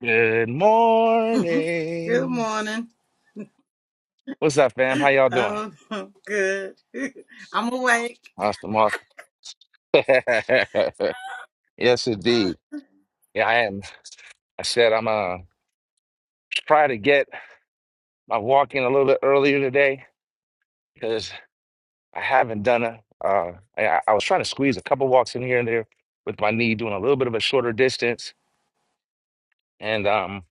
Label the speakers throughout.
Speaker 1: Good
Speaker 2: Good
Speaker 1: morning.
Speaker 2: morning.
Speaker 1: What's up, fam? How y'all doing?
Speaker 2: Oh, good. I'm awake.
Speaker 1: Awesome, awesome. Yes,
Speaker 2: Uh,
Speaker 1: indeed. Yeah, I am. I said I'm uh try to get my walk in a little bit earlier today because I haven't done a uh I, I was trying to squeeze a couple walks in here and there with my knee doing a little bit of a shorter distance and um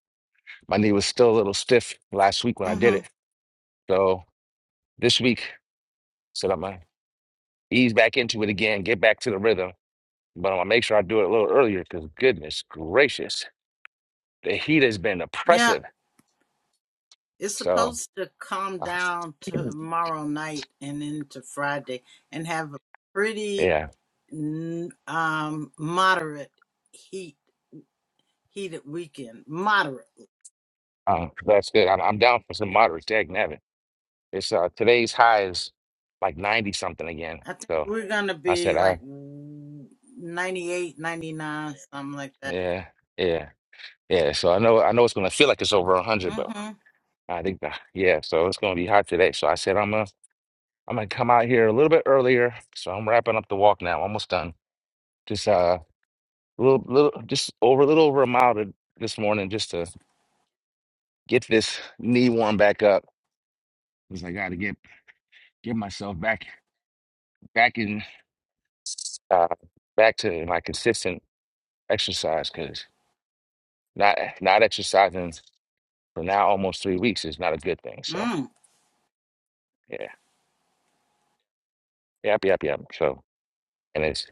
Speaker 1: my knee was still a little stiff last week when I did
Speaker 2: hmm
Speaker 1: it. So this week said I'm gonna ease back into it again, get back to the rhythm. But I'm gonna make sure I do it a little earlier because goodness gracious, the heat has been
Speaker 2: Yeah,
Speaker 1: oppressive.
Speaker 2: it's
Speaker 1: So
Speaker 2: supposed to calm
Speaker 1: uh,
Speaker 2: down tomorrow night and into Friday and have a pretty
Speaker 1: yeah,
Speaker 2: n- um moderate heat heated weekend. Moderate.
Speaker 1: um, that's good. I'm, I'm down for some moderate dag nabbit. It's uh, today's high is like 90 something again.
Speaker 2: I think
Speaker 1: So
Speaker 2: we're gonna
Speaker 1: I
Speaker 2: be
Speaker 1: said, I
Speaker 2: like 98, 99, something like that.
Speaker 1: yeah, yeah, yeah. So I know I know it's gonna feel like it's over 100, but
Speaker 2: Mm-hmm.
Speaker 1: I think the, yeah. So it's gonna be hot today. So I said I'm gonna I'm gonna come out here a little bit earlier. So I'm wrapping up the walk now, almost done. Just uh. a little, little, just over a little over a mile to, this morning just to get this knee warm back up because I got to get get myself back back in uh, back to my consistent exercise because not not exercising for now almost three weeks is not a good thing. So
Speaker 2: Mm.
Speaker 1: yeah, yep, yep, yep. So and it's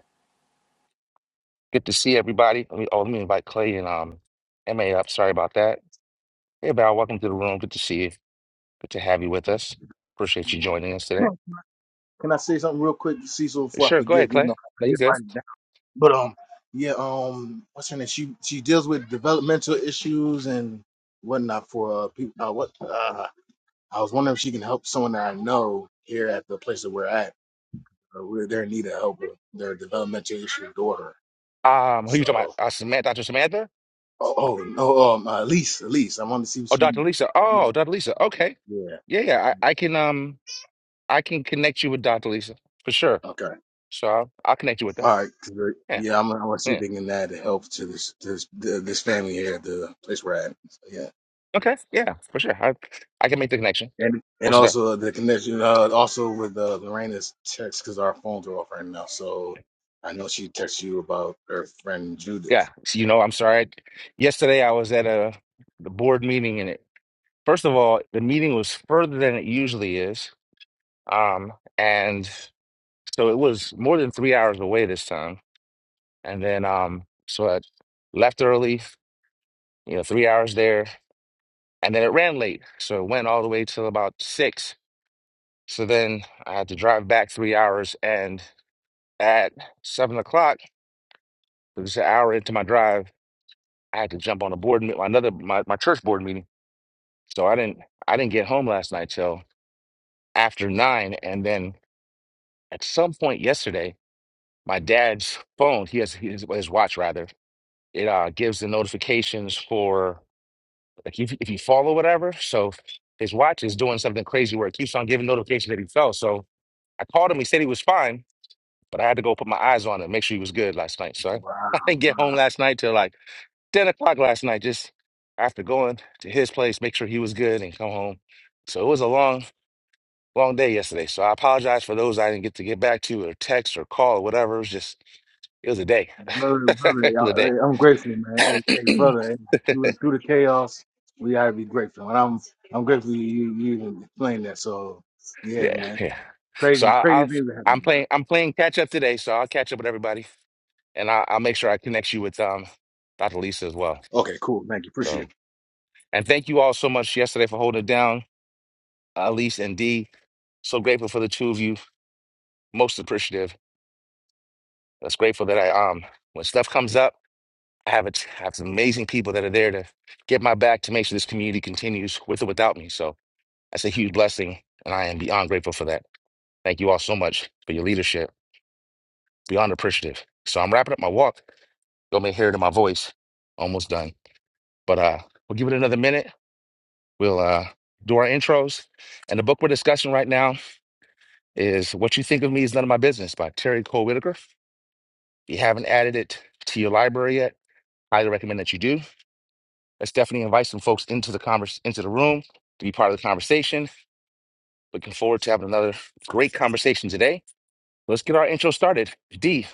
Speaker 1: good to see everybody. Let me, oh, let me invite Clay and um Ma up. Sorry about that. Hey, Val, welcome to the room. Good to see you. Good to have you with us. Appreciate you
Speaker 3: morning.
Speaker 1: joining us today.
Speaker 3: Can I say something real quick, Cecil, before I
Speaker 1: Sure, go ahead,
Speaker 3: forget? You
Speaker 1: Clay.
Speaker 3: know, I
Speaker 1: No,
Speaker 3: need
Speaker 1: you
Speaker 3: to
Speaker 1: good.
Speaker 3: write down. But um, yeah, um, what's her name? She she deals with developmental issues and whatnot for uh, people. Uh, what uh, I was wondering if she can help someone that I know here at the place that we're at. Uh, we're they're in need of help with their developmental issue daughter.
Speaker 1: Um, who you talking about?
Speaker 3: So,
Speaker 1: Uh, Samantha, Dr. Samantha?
Speaker 3: oh, oh no, um, uh, Elise, Elise, I wanted to see what
Speaker 1: Oh, Dr. Lisa.
Speaker 3: she.
Speaker 1: Oh, Dr. Lisa. Okay.
Speaker 3: Yeah.
Speaker 1: Yeah, yeah. I, I can um I can connect you with Dr. Lisa for sure.
Speaker 3: Okay.
Speaker 1: So I'll, I'll connect you with her.
Speaker 3: All right, 'cause, uh,
Speaker 1: Yeah.
Speaker 3: yeah, I'm, I want you
Speaker 1: Yeah.
Speaker 3: thinking that to help to this this this family here, at the place we're at. So, yeah,
Speaker 1: Okay. Yeah, for sure. I I can make the connection.
Speaker 3: and and
Speaker 1: Also there.
Speaker 3: also uh, the connection, uh, also with uh, Lorena's text because our phones are off right now. So I know she texted you about her friend
Speaker 1: Yeah.
Speaker 3: Judith.
Speaker 1: So, you know, I'm sorry. Yesterday I was at a the board meeting and it first of all, the meeting was further than it usually is. Um, and so it was more than three hours away this time. And then um so I left early you know, three hours there. And then it ran late. So it went all the way till about six. So then I had to drive back three hours. And at seven o'clock, it was an hour into my drive, I had to jump on a board meet another my, my church board meeting. So I didn't I didn't get home last night till after nine. And then at some point yesterday, my dad's phone, he has his, his watch rather, it uh, gives the notifications for Like if if you follow whatever, so his watch is doing something crazy where it keeps on giving notification that he fell. So I called him. He said he was fine, but I had to go put my eyes on him, make sure he was good last night. So I,
Speaker 3: Wow,
Speaker 1: I didn't get home
Speaker 3: wow,
Speaker 1: last night till like ten o'clock last night, just after going to his place, make sure he was good, and come home. So it was a long, long day yesterday. So I apologize for those I didn't get to get back to or text or call or whatever. It was just it was a day.
Speaker 3: brother, brother,
Speaker 1: it was a
Speaker 3: y'all-
Speaker 1: day.
Speaker 3: hey, I'm grateful, man. Hey, hey brother, hey, through the through the chaos, we gotta be grateful, and I'm I'm grateful you you even explained that. So yeah,
Speaker 1: Yeah,
Speaker 3: man,
Speaker 1: yeah. So
Speaker 3: crazy
Speaker 1: I,
Speaker 3: crazy
Speaker 1: I'll
Speaker 3: things are
Speaker 1: I'm
Speaker 3: happening.
Speaker 1: playing
Speaker 3: now.
Speaker 1: I'm playing catch up today, so I'll catch up with everybody, and I, I'll make sure I connect you with um Dr. Lisa as well.
Speaker 3: Okay, cool. Thank you. Appreciate
Speaker 1: So
Speaker 3: it.
Speaker 1: and thank you all so much yesterday for holding it down, uh, Lisa and Dee. So grateful for the two of you. Most appreciative. That's grateful that I um when stuff comes up, I have a t- I have some amazing people that are there to get my back to make sure this community continues with or without me. So that's a huge blessing, and I am beyond grateful for that. Thank you all so much for your leadership. Beyond appreciative. So I'm wrapping up my walk. Y'all may hear it in my voice. Almost done. But uh we'll give it another minute. We'll uh do our intros. And the book we're discussing right now is What You Think of Me Is None of My Business by Terry Cole Whitaker. If you haven't added it to your library yet, highly recommend that you do. Let's definitely invite some folks into the converse into the room to be part of the conversation. Looking forward to having another great conversation today. Let's get our intro started. D,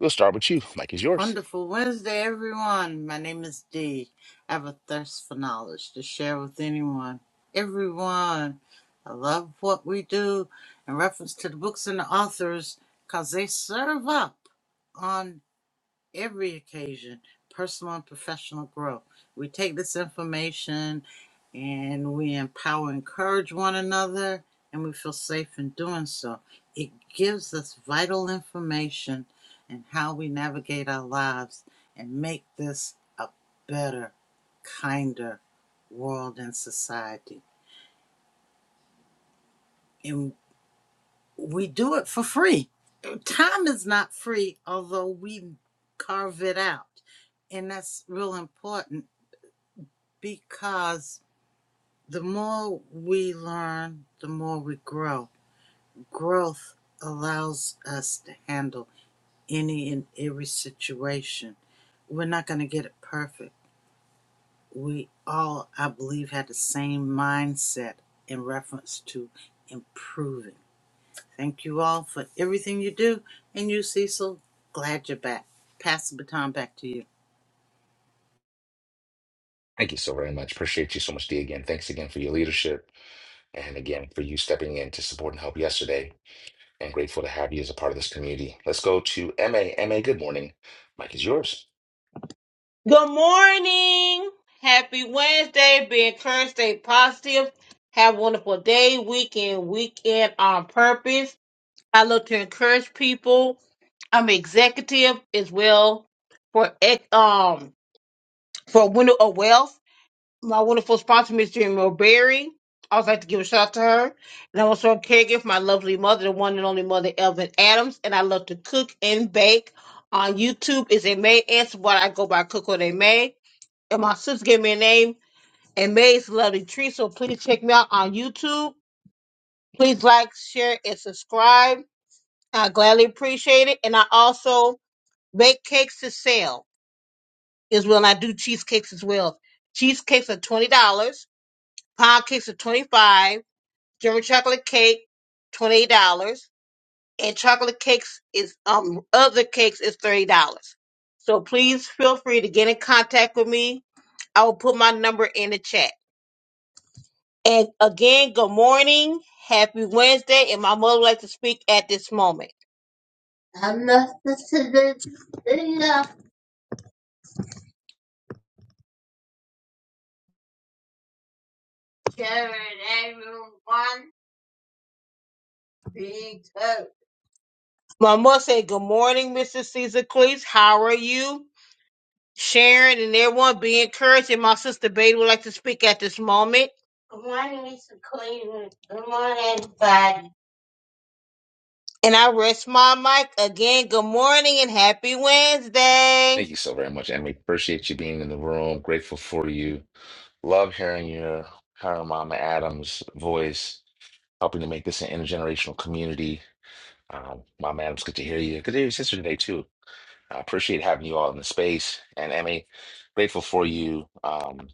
Speaker 1: we'll start with you. Mike is yours.
Speaker 2: Wonderful Wednesday, everyone. My name is Dee. I have a thirst for knowledge to share with anyone, everyone. I love what we do in reference to the books and the authors because they serve up. on every occasion, personal and professional growth. We take this information and we empower, encourage one another, and we feel safe in doing so. It gives us vital information and how we navigate our lives and make this a better, kinder world and society. And we do it for free. Time is not free, although we carve it out and that's real important because the more we learn, the more we grow. Growth allows us to handle any and every situation. We're not going to get it perfect. We all, I believe, had the same mindset in reference to improving. Thank you all for everything you do. And you, Cecil, glad you're back. Pass the baton back to you.
Speaker 1: Thank you so very much. Appreciate you so much, D again. Thanks again for your leadership and again for you stepping in to support and help yesterday. And grateful to have you as a part of this community. Let's go to M A M A. good morning. Mike is yours.
Speaker 4: Good morning. Happy Wednesday. Be encouraged. Stay positive. Have a wonderful day, weekend, weekend on purpose. I love to encourage people. I'm executive as well for ec- um for Window of Wealth. My wonderful sponsor, Ms. Jimmy Berry. I would like to give a shout out to her. And I'm also a caregiver for my lovely mother, the one and only mother, Elvin Adams. And I love to cook and bake on YouTube. Is a May answer what I go by Cook What They May and my sister gave me a name and May's Lovely Tree. So please check me out on YouTube. Please like, share, and subscribe. I gladly appreciate it. And I also make cakes to sell is when I do cheesecakes as well. Cheesecakes are twenty dollars, pound cakes are twenty five, German chocolate cake twenty dollars, and chocolate cakes is um other cakes is thirty dollars. So please feel free to get in contact with me. I will put my number in the chat. And again, good morning. Happy Wednesday. And my mother would like to speak at this moment. I'm not listening to everyone. Be good. My mother said, Good morning, Mr. Caesar Cleese. How are you? Sharon and everyone be encouraged. And my sister Betty would like to speak at this moment. Good morning, Mr. Cleveland. Good morning, everybody. And I rest my mic again. Good morning and happy Wednesday.
Speaker 1: Thank you so very much, and we appreciate you being in the room. Grateful for you. Love hearing your her Mama Adams voice, helping to make this an intergenerational community. Um, Mama Adams, good to hear you. Good to hear your sister today too. I appreciate having you all in the space, and Emmy, grateful for you um,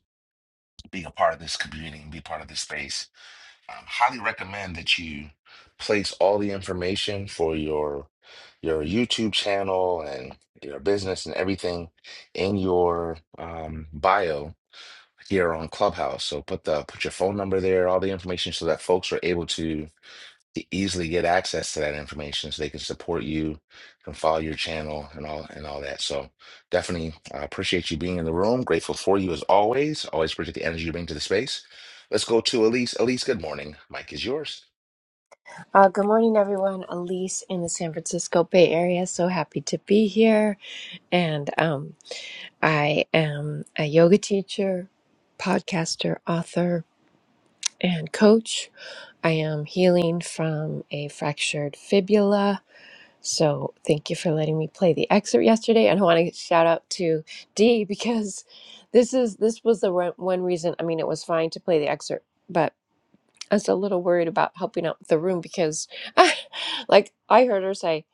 Speaker 1: being a part of this community and be part of this space I highly recommend that you place all the information for your your YouTube channel and your business and everything in your um, bio here on Clubhouse. So put the put your phone number there, all the information, so that folks are able to to easily get access to that information so they can support you, can follow your channel and all and all that. So definitely uh, appreciate you being in the room. Grateful for you as always. Always appreciate the energy you bring to the space. Let's go to Elise. Elise, good morning. Mike is yours.
Speaker 5: Uh, good morning, everyone. Elise in the San Francisco Bay Area. So happy to be here. And um, I am a yoga teacher, podcaster, author, and coach. I am healing from a fractured fibula. So thank you for letting me play the excerpt yesterday. And I want to shout out to Dee because this is this was the re- one reason. I mean, it was fine to play the excerpt, but I was a little worried about helping out with the room because, like, I heard her say,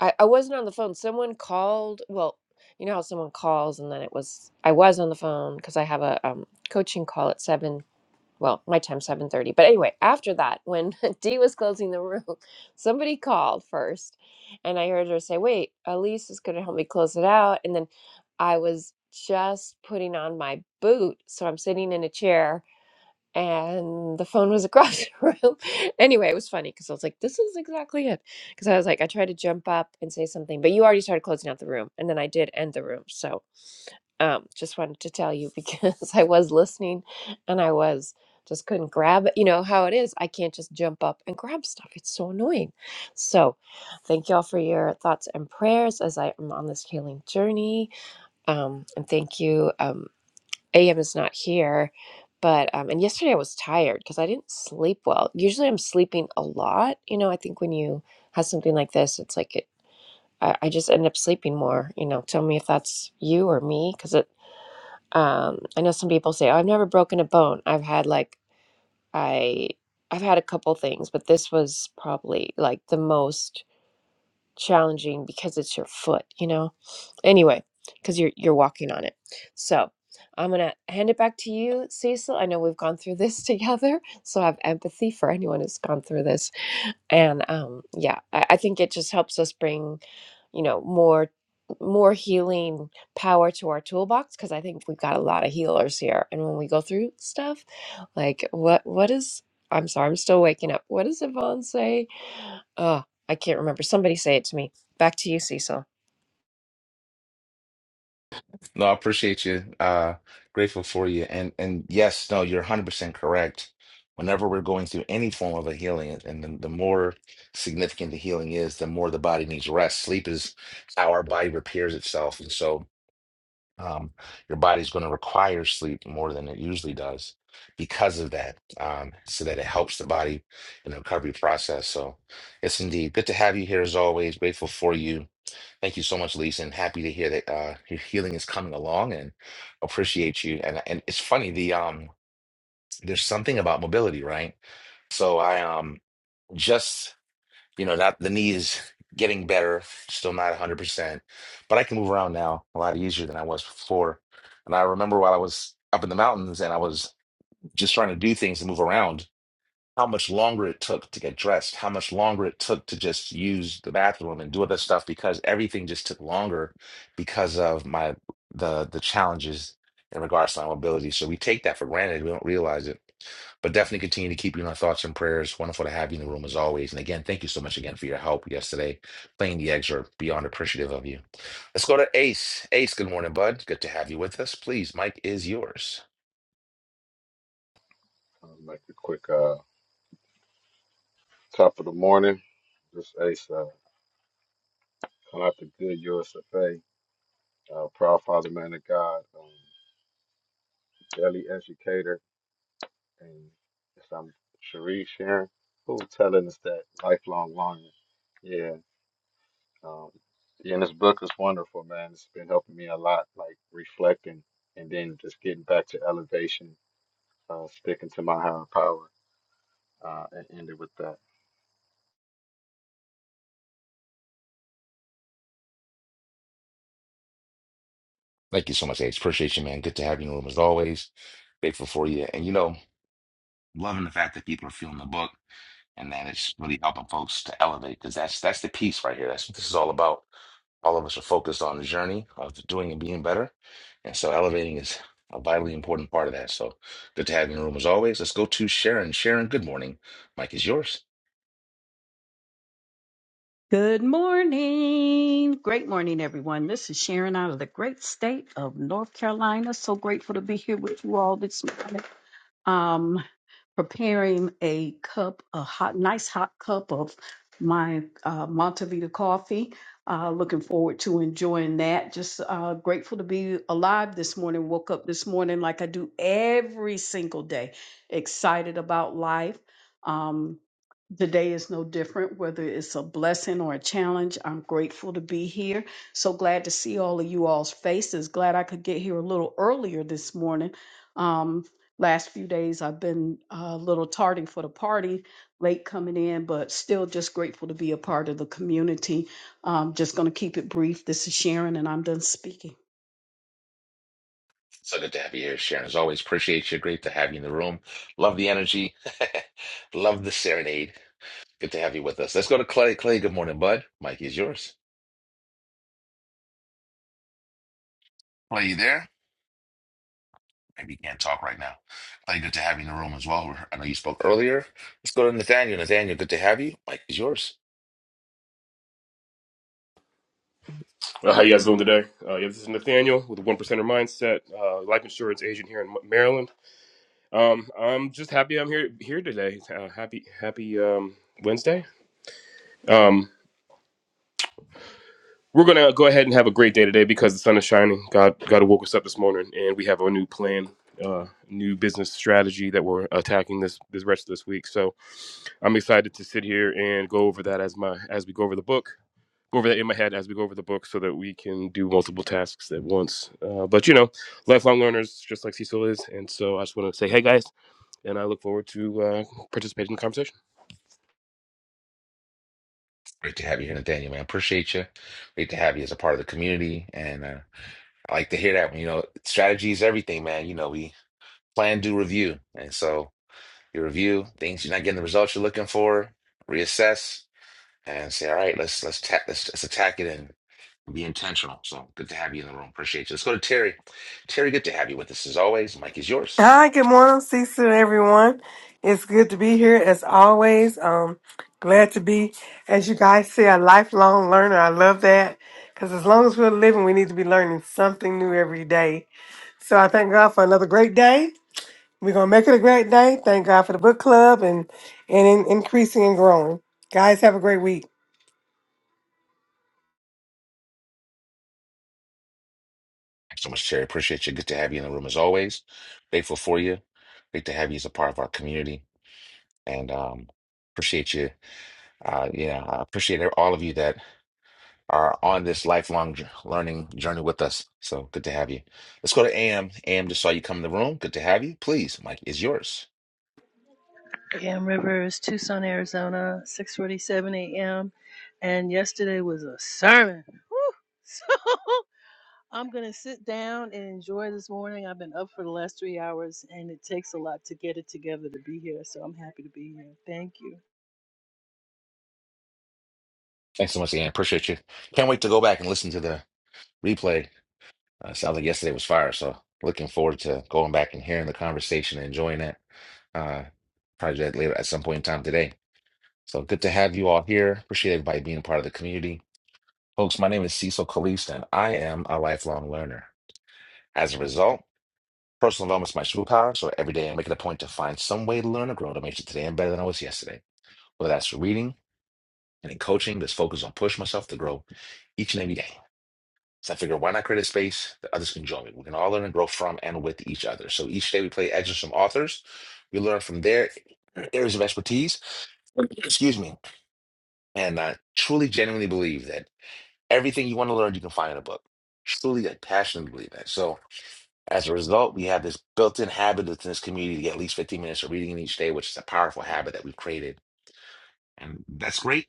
Speaker 5: I, I wasn't on the phone. Someone called. Well, you know how someone calls, and then it was I was on the phone because I have a um, coaching call at seven. Well, my time seven thirty. But anyway, after that, when Dee was closing the room, somebody called first, and I heard her say, "Wait, Elise is going to help me close it out," and then I was just putting on my boot, so I'm sitting in a chair and the phone was across the room. Anyway, it was funny because I was like, this is exactly it. Because I was like, I tried to jump up and say something, but you already started closing out the room. And then I did end the room. So um, just wanted to tell you because I was listening and I was just couldn't grab it. You know how it is. I can't just jump up and grab stuff. It's so annoying. So thank you all for your thoughts and prayers as I am on this healing journey. Um, and thank you. Um, AM is not here, but um, and yesterday I was tired because I didn't sleep well. Usually I'm sleeping a lot. You know, I think when you have something like this, it's like it, I, I just end up sleeping more. You know, tell me if that's you or me because it. Um, I know some people say, "Oh, I've never broken a bone." I've had like I I've had a couple things, but this was probably like the most challenging because it's your foot. You know, anyway because you're you're walking on it so i'm gonna hand it back to you cecil i know we've gone through this together so i have empathy for anyone who's gone through this and um yeah i, I think it just helps us bring you know more more healing power to our toolbox because i think we've got a lot of healers here and when we go through stuff like what what is i'm sorry i'm still waking up what does yvonne say oh i can't remember somebody say it to me back to you cecil
Speaker 1: No, I appreciate you. Uh, grateful for you. And and yes, no, you're 100% correct. Whenever we're going through any form of a healing, and the, the more significant the healing is, the more the body needs rest. Sleep is how our body repairs itself. And so, Um, your body's going to require sleep more than it usually does because of that, um, so that it helps the body in the recovery process. So, yes, indeed. Good to have you here as always. Grateful for you. Thank you so much, Lisa, and happy to hear that uh, your healing is coming along and appreciate you. And and it's funny, the um, there's something about mobility, right? So I um just you know, not the knee is getting better, still not 100%, but I can move around now a lot easier than I was before. And I remember while I was up in the mountains and I was just trying to do things and move around, how much longer it took to get dressed, how much longer it took to just use the bathroom and do other stuff because everything just took longer because of my the the challenges in regards to my mobility. So we take that for granted. We don't realize it. But definitely continue to keep you in our thoughts and prayers. Wonderful to have you in the room as always. And again, thank you so much again for your help yesterday. Playing the excerpt, beyond appreciative of you. Let's go to Ace. Ace, good morning, bud. Good to have you with us. Please, Mike is yours.
Speaker 6: I'll make a quick uh, top of the morning. This Ace, uh, coming out the good USFA, uh, proud father, man of God, um, daily educator, and if I'm Sharif Sharon, who telling us that lifelong longing. Yeah, um, yeah, and this book is wonderful, man. It's been helping me a lot, like reflecting and then just getting back to elevation, uh, sticking to my higher power, uh, and ended with that.
Speaker 1: Thank you so much, Ace. Appreciate you, man. Good to have you in the room as always. Grateful for you. And you know, loving the fact that people are feeling the book and that it's really helping folks to elevate because that's that's the piece right here. That's what this is all about. All of us are focused on the journey of doing and being better. And so elevating is a vitally important part of that. So good to have you in the room as always. Let's go to Sharon. Sharon, good morning. Mike is yours.
Speaker 7: Good morning. Great morning, everyone. This is Sharon out of the great state of North Carolina. So grateful to be here with you all this morning um, preparing a cup, a hot, nice hot cup of my uh, Montevita coffee. Uh, looking forward to enjoying that. Just uh, grateful to be alive this morning. Woke up this morning like I do every single day. Excited about life. Um, the day is no different, whether it's a blessing or a challenge. I'm grateful to be here. So glad to see all of you all's faces. Glad I could get here a little earlier this morning. Um. Last few days, I've been uh, a little tardy for the party, late coming in, but still just grateful to be a part of the community. Um, just going to keep it brief. This is Sharon, and I'm done speaking.
Speaker 1: So good to have you here, Sharon. As always, appreciate you. Great to have you in the room. Love the energy. Love the serenade. Good to have you with us. Let's go to Clay. Clay, good morning, bud. Mike is yours. Clay, you there? Maybe you can't talk right now. Clay, good to have you in the room as well. I know you spoke earlier. Let's go to Nathaniel. Nathaniel, good to have you. Mike is yours.
Speaker 8: Uh, how you guys doing today? Uh, yeah, this is Nathaniel with the One Percenter Mindset, uh, life insurance agent here in Maryland. Um, I'm just happy I'm here here today. Uh, happy happy um, Wednesday. Um, we're gonna go ahead and have a great day today because the sun is shining. God God woke us up this morning, and we have a new plan, uh, new business strategy that we're attacking this this rest of this week. So I'm excited to sit here and go over that as my as we go over the book. go over that in my head as we go over the book so that we can do multiple tasks at once. Uh, but you know, lifelong learners, just like Cecil is. And so I just want to say, hey guys, and I look forward to uh, participating in the conversation.
Speaker 1: Great to have you here, Nathaniel, man. Appreciate you. Great to have you as a part of the community. And uh, I like to hear that. You know, strategy is everything, man. You know, we plan, do, review. And so you review things you're not getting the results you're looking for, reassess, and say, all right, let's let's ta- let's, let's attack it and. Be intentional. So good to have you in the room. Appreciate you. Let's go to Terry. Terry, good to have you with us as always. Mike is yours.
Speaker 9: Hi, good morning, Cecil, everyone. It's good to be here as always. Um, glad to be, as you guys say, a lifelong learner. I love that because as long as we're living, we need to be learning something new every day. So I thank God for another great day. We're gonna make it a great day. Thank God for the book club and and in, increasing and growing. Guys, have a great week.
Speaker 1: Thanks so much, Terry. Appreciate you. Good to have you in the room as always. Grateful for you. Great to have you as a part of our community. And um, appreciate you. Uh, yeah, I appreciate e-, all of you that are on this lifelong j- learning journey with us. So good to have you. Let's go to AM. AM just saw you come in the room. Good to have you. Please, Mike is yours.
Speaker 10: Cam Rivers, Tucson, Arizona, 6:47 a.m. And yesterday was a sermon. Woo! So I'm gonna sit down and enjoy this morning. I've been up for the last three hours, and it takes a lot to get it together to be here. So I'm happy to be here. Thank you.
Speaker 1: Thanks so much, AM. Appreciate you. Can't wait to go back and listen to the replay Uh, sounds like yesterday was fire, so looking forward to going back and hearing the conversation and enjoying that uh, Probably do that later at some point in time today. So good to have you all here. Appreciate everybody being a part of the community. Folks, my name is Cecil Kalist, and I am a lifelong learner. As a result, personal development is my superpower, so every day I make it a point to find some way to learn or grow to make sure today I'm better than I was yesterday. Whether that's reading and in coaching, just focus on push myself to grow each and every day. So I figure, why not create a space that others can join me? We can all learn and grow from and with each other. So each day we play excerpts from authors. We learn from their areas of expertise. Excuse me. And I truly, genuinely believe that everything you want to learn, you can find in a book. Truly, I passionately believe that. So as a result, we have this built-in habit within this community to get at least 15 minutes of reading each day, which is a powerful habit that we've created. And that's great.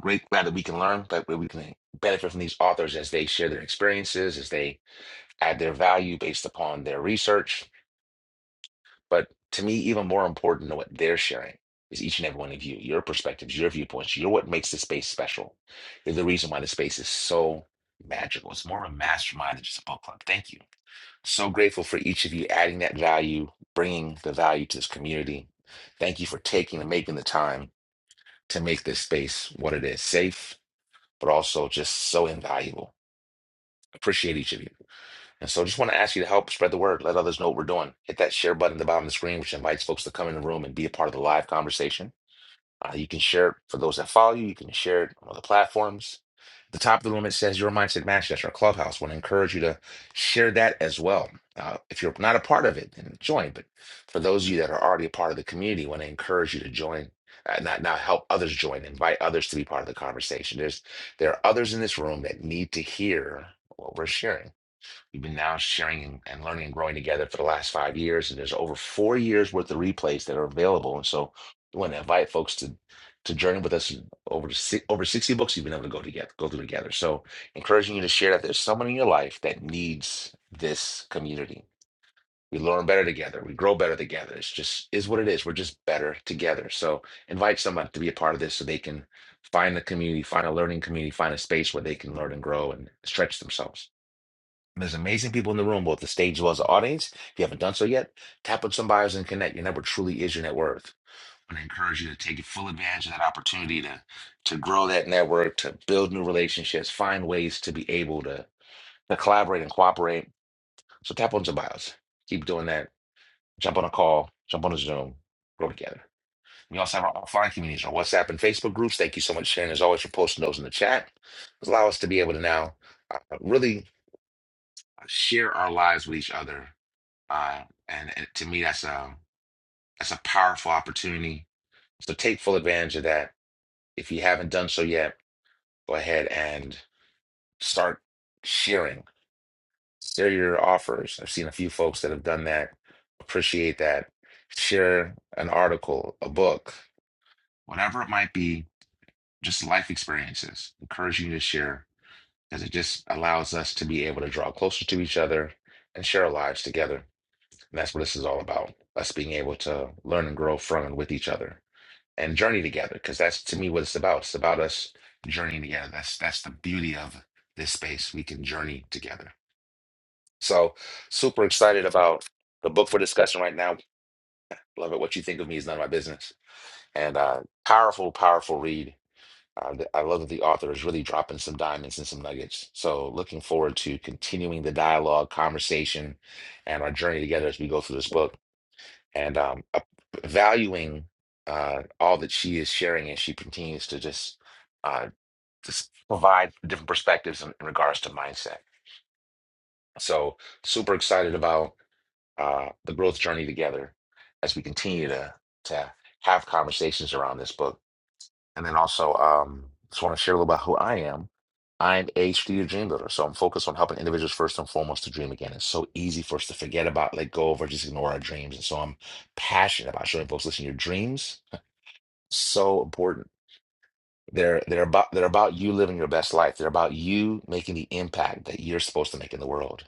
Speaker 1: Great, glad that we can learn, glad that we can benefit from these authors as they share their experiences, as they add their value based upon their research. But to me, even more important than what they're sharing is each and every one of you, your perspectives, your viewpoints. You're what makes the space special. You're the reason why the space is so magical. It's more of a mastermind than just a book club. Thank you. So grateful for each of you adding that value, bringing the value to this community. Thank you for taking and making the time to make this space what it is safe, but also just so invaluable. Appreciate each of you. And so I just want to ask you to help spread the word, let others know what we're doing. Hit that share button at the bottom of the screen, which invites folks to come in the room and be a part of the live conversation. Uh, you can share it for those that follow you. You can share it on other platforms. At the top of the room, it says Your Mindset Match. That's our clubhouse. want to encourage you to share that as well. Uh, if you're not a part of it, then join. But for those of you that are already a part of the community, want to encourage you to join. Uh, not now help others join invite others to be part of the conversation there's there are others in this room that need to hear what we're sharing We've been now sharing and and learning and growing together for the last five years, and there's over four years worth of replays that are available. And so we want to invite folks to to journey with us over si- over 60 books you've been able to go together, go through together. So encouraging you to share that there's someone in your life that needs this community. We learn better together. We grow better together. It's just is what it is. We're just better together. So invite someone to be a part of this so they can find the community, find a learning community, find a space where they can learn and grow and stretch themselves. There's amazing people in the room, both the stage as well as the audience. If you haven't done so yet, tap on some buyers and connect. Your network truly is your net worth. And I encourage you to take full advantage of that opportunity to to grow that network, to build new relationships, find ways to be able to, to collaborate and cooperate. So tap on some bios. Keep doing that. Jump on a call, jump on a Zoom, grow together. We also have our offline communities on WhatsApp and Facebook groups. Thank you so much, Shannon, as always, for posting those in the chat. Allow us to be able to now uh, really share our lives with each other Uh, and, and to me, that's a that's a powerful opportunity. So take full advantage of that. If you haven't done so yet, go ahead and start sharing. Share your offers. I've seen a few folks that have done that. Appreciate that. Share an article, a book, whatever it might be, just life experiences. Encourage you to share because it just allows us to be able to draw closer to each other and share our lives together. And that's what this is all about, us being able to learn and grow from and with each other. and journey together because that's to me what it's about. It's about us journeying together. That's that's the beauty of this space. We can journey together. So super excited about the book for discussion right now. Love it. What you think of me is none of my business. And uh, powerful, powerful read. Uh, th- I love that the author is really dropping some diamonds and some nuggets. So looking forward to continuing the dialogue, conversation, and our journey together as we go through this book and um, ap- valuing uh, all that she is sharing and she continues to just uh, just provide different perspectives in, in regards to mindset. So super excited about uh, the growth journey together as we continue to to have conversations around this book and then also, um, just want to share a little about who I am. I'm a strategic dream builder, so I'm focused on helping individuals first and foremost to dream again. It's so easy for us to forget about, let go of, or just ignore our dreams. And so I'm passionate about showing folks, listen, your dreams so important. They're they're about they're about you living your best life. They're about you making the impact that you're supposed to make in the world.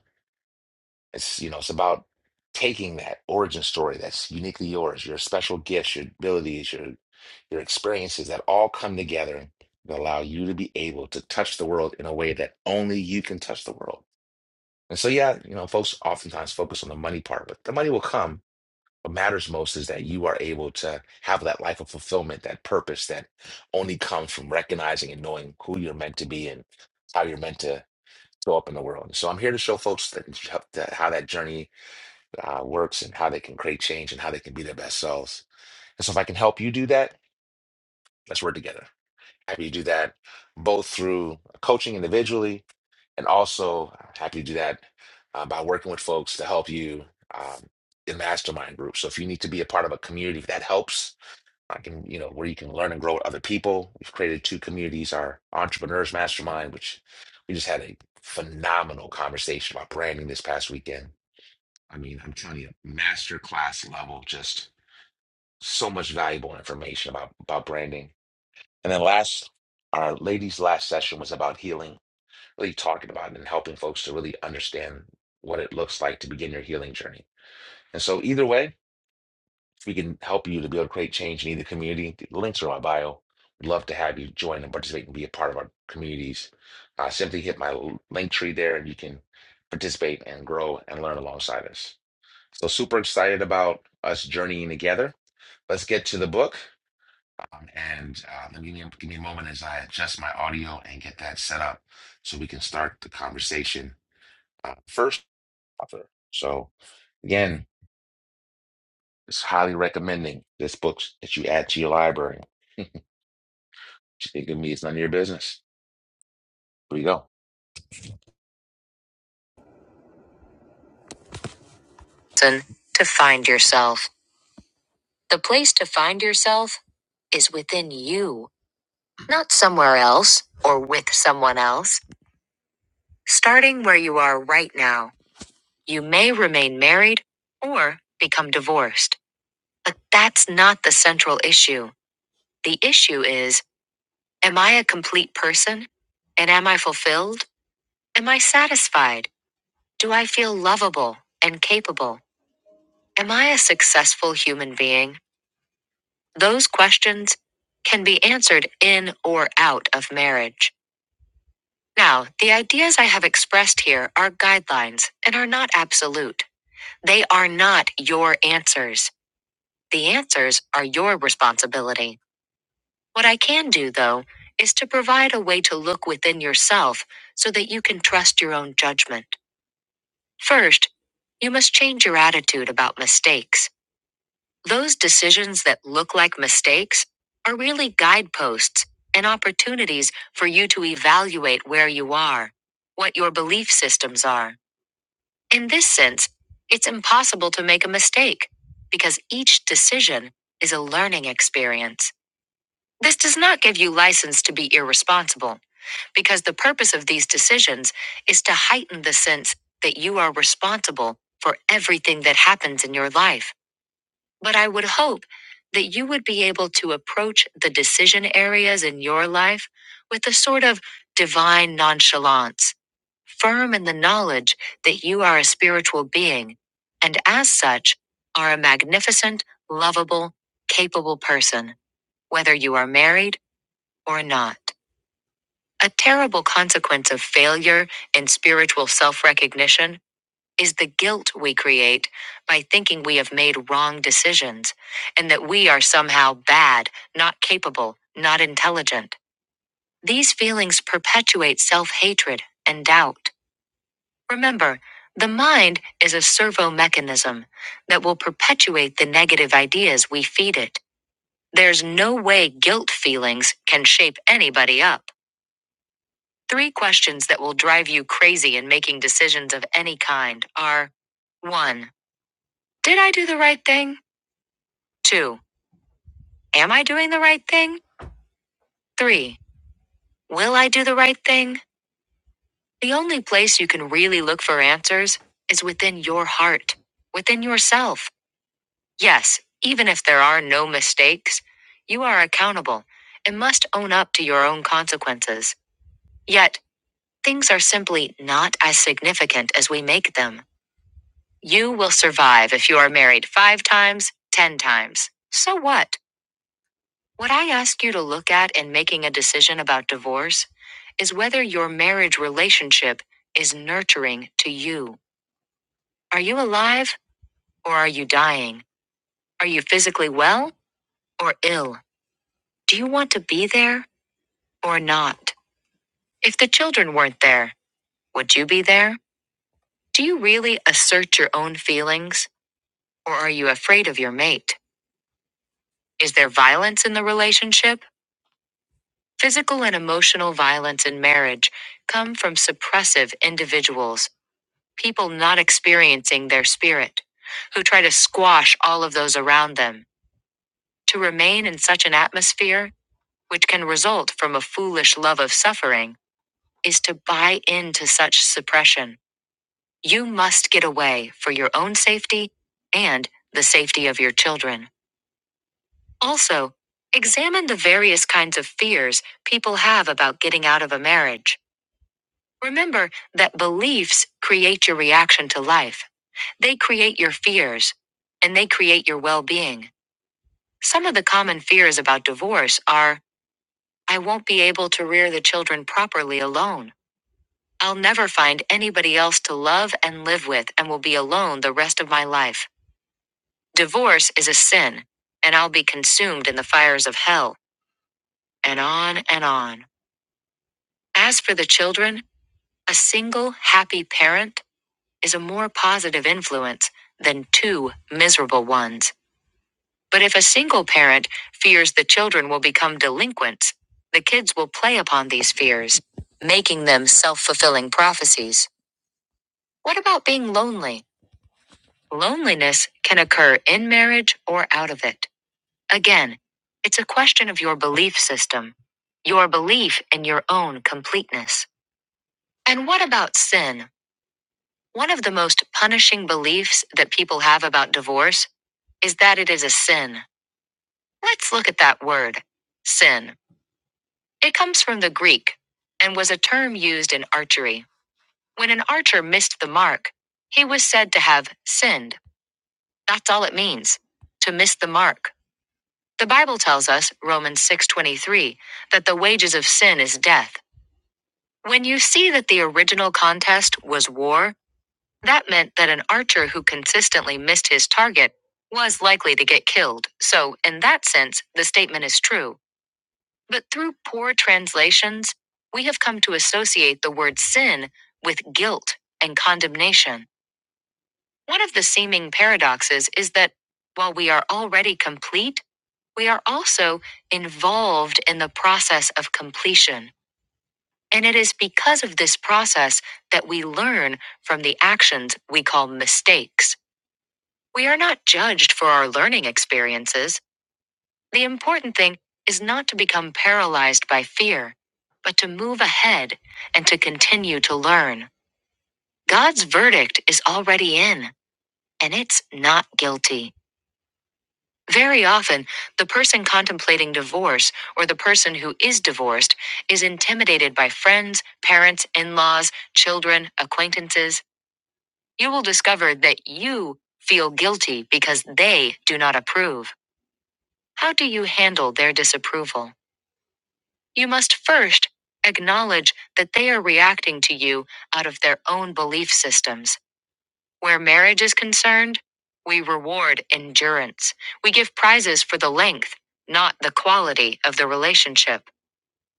Speaker 1: It's, you know, it's about taking that origin story that's uniquely yours, your special gifts, your abilities, your your experiences that all come together that allow you to be able to touch the world in a way that only you can touch the world. And so, yeah, you know, folks oftentimes focus on the money part, but the money will come. What matters most is that you are able to have that life of fulfillment, that purpose that only comes from recognizing and knowing who you're meant to be and how you're meant to show up in the world. So I'm here to show folks that that how that journey uh, works and how they can create change and how they can be their best selves. And so, if I can help you do that, let's work together. Happy to do that both through coaching individually and also happy to do that uh, by working with folks to help you um, in mastermind groups. So, if you need to be a part of a community that helps, I can, you know, where you can learn and grow with other people. We've created two communities our Entrepreneurs Mastermind, which we just had a phenomenal conversation about branding this past weekend. I mean, I'm telling you, masterclass level, just so much valuable information about about branding. And then last, our ladies' last session was about healing, really talking about it and helping folks to really understand what it looks like to begin your healing journey. And so, either way, we can help you to be able to create change in either community. The links are in my bio. We'd love to have you join and participate and be a part of our communities. Uh, simply hit my l- link tree there, and you can participate and grow and learn alongside us. So, super excited about us journeying together. Let's get to the book. Um, and uh, let me give me a moment as I adjust my audio and get that set up so we can start the conversation uh, first. Author. So, again, it's highly recommending this book that you add to your library. What you think of me none of your business. Here we go. Listen to find yourself. The place to find yourself is within you, not somewhere else or with someone else. Starting where you are right now, you may remain married or become divorced. But that's not the central issue. The issue is Am I a complete person? And am I fulfilled? Am I satisfied? Do I feel lovable and capable? Am I a successful human being? Those questions can be answered in or out of marriage. Now, the ideas I have expressed here are guidelines and are not absolute. They are not your answers. The answers are your responsibility. What I can do, though, is to provide a way to look within yourself so that you can trust your own judgment. First, you must change your attitude about mistakes. Those decisions that look like mistakes are really guideposts and opportunities for you to evaluate where you are, what your belief systems are. In this sense, it's impossible to make a mistake because each decision is a learning experience. This does not give you license to be irresponsible. because the purpose of these decisions is to heighten the sense that you are responsible for everything that happens in your life. But I would hope that you would be able to approach the decision areas in your life with a sort of divine nonchalance, firm in the knowledge that you are a spiritual being, and as such, are a magnificent, lovable, capable person, whether you are married or not. A terrible consequence of failure in spiritual self recognition is the guilt we create by thinking we have made wrong decisions and that we are somehow bad, not capable, not intelligent. These feelings perpetuate self hatred and doubt. Remember, the mind is a servo mechanism that will perpetuate the negative ideas we feed it. There's no way guilt feelings can shape anybody up. Three questions that will drive you crazy in making decisions of any kind are 1. Did I do the right thing? 2. Am I doing the right thing? 3. Will I do the right thing? The only place you can really look for answers is within your heart, within yourself. Yes, even if there are no mistakes, you are accountable and must own up to your own consequences. Yet, things are simply not as significant as we make them. You will survive if you are married five times, ten times. So what? What I ask you to look at in making a decision about divorce is whether your marriage relationship is nurturing to you. Are you alive or are you dying? Are you physically well or ill? Do you want to be there or not? If the children weren't there, would you be there? Do you really assert your own feelings or are you afraid of your mate? Is there violence in the relationship? Physical and emotional violence in marriage come from suppressive individuals, people not experiencing their spirit, who try to squash all of those around them. To remain in such an atmosphere, which can result from a foolish love of suffering, is to buy into such suppression. You must get away for your own safety and the safety of your children. Also, examine the various kinds of fears people have about getting out of a marriage. Remember that beliefs create your reaction to life. They create your fears and they create your well being. Some of the common fears about divorce are I won't be able to rear the children properly alone. I'll never find anybody else to love and live with and will be alone the rest of my life. Divorce is a sin, and I'll be consumed in the fires of hell, and on and on. As for the children, a single happy parent is a more positive influence than two miserable ones. But if a single parent fears the children will become delinquents, the kids will play upon these fears, making them self fulfilling prophecies. What about being lonely? Loneliness can occur in marriage or out of it. Again, it's a question of your belief system, your belief in your own completeness. And what about sin? One of the most punishing beliefs that people have about divorce is that it is a sin. Let's look at that word, sin. It comes from the Greek and was a term used in archery. When an archer missed the mark, he was said to have sinned. That's all it means, to miss the mark. The Bible tells us, Romans 6:23, that the wages of sin is death. When you see that the original contest was war, that meant that an archer who consistently missed his target was likely to get killed. So, in that sense, the statement is true. But through poor translations, we have come to associate the word sin with guilt and condemnation. One of the seeming paradoxes is that while we are already complete, we are also involved in the process of completion. And it is because of this process that we learn from the actions we call mistakes. We are not judged for our learning experiences The important thing is not to become paralyzed by fear, but to move ahead and to continue to learn. God's verdict is already in, and it's not guilty. Very often, the person contemplating divorce or the person who is divorced is intimidated by friends, parents, in laws, children, acquaintances. You will discover that you feel guilty because they do not approve. How do you handle their disapproval? You must first acknowledge that they are reacting to you out of their own belief systems. Where marriage is concerned, we reward endurance. We give prizes for the length, not the quality of the relationship.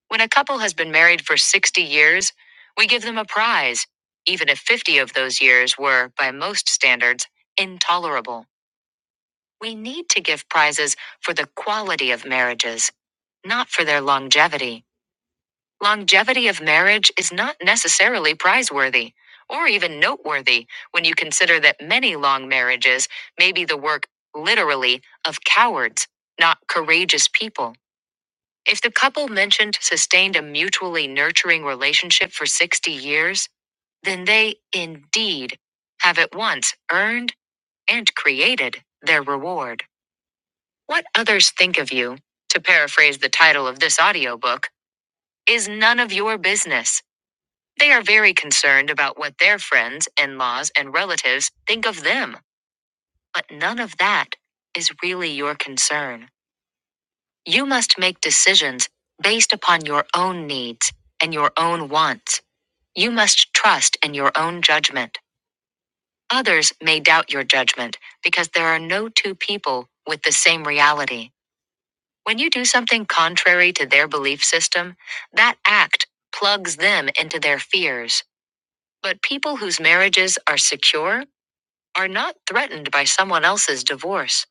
Speaker 1: When a couple has been married for 60 years, we give them a prize, even if 50 of those years were, by most standards, intolerable. We need to give prizes for the quality of marriages, not for their longevity. Longevity of marriage is not necessarily prizeworthy or even noteworthy when you consider that many long marriages may be the work, literally, of cowards, not courageous people. If the couple mentioned sustained a mutually nurturing relationship for 60 years, then they indeed have at once earned and created their reward. What others think of you, to paraphrase the title of this audiobook, is none of your business. They are very concerned about what their friends, in laws, and relatives think of them, but none of that is really your concern. You must make decisions based upon your own needs and your own wants. You must trust in your own judgment. Others may doubt your judgment because there are no two people with the same reality. When you do something contrary to their belief system, that act plugs them into their fears. But people whose marriages are secure are not threatened by someone else's divorce.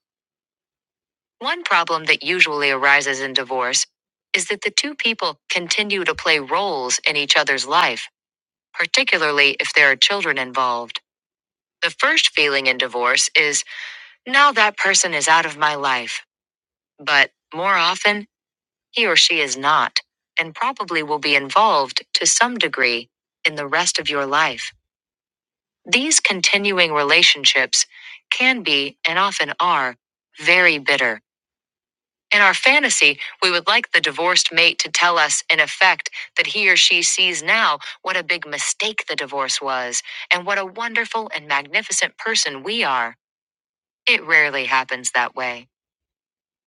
Speaker 1: One problem that usually arises in divorce is that the two people continue to play roles in each other's life, particularly if there are children involved. The first feeling in divorce is, now that person is out of my life. But more often, he or she is not, and probably will be involved to some degree in the rest of your life. These continuing relationships can be, and often are, very bitter In our fantasy, we would like the divorced mate to tell us, in effect, that he or she sees now what a big mistake the divorce was and what a wonderful and magnificent person we are. It rarely happens that way.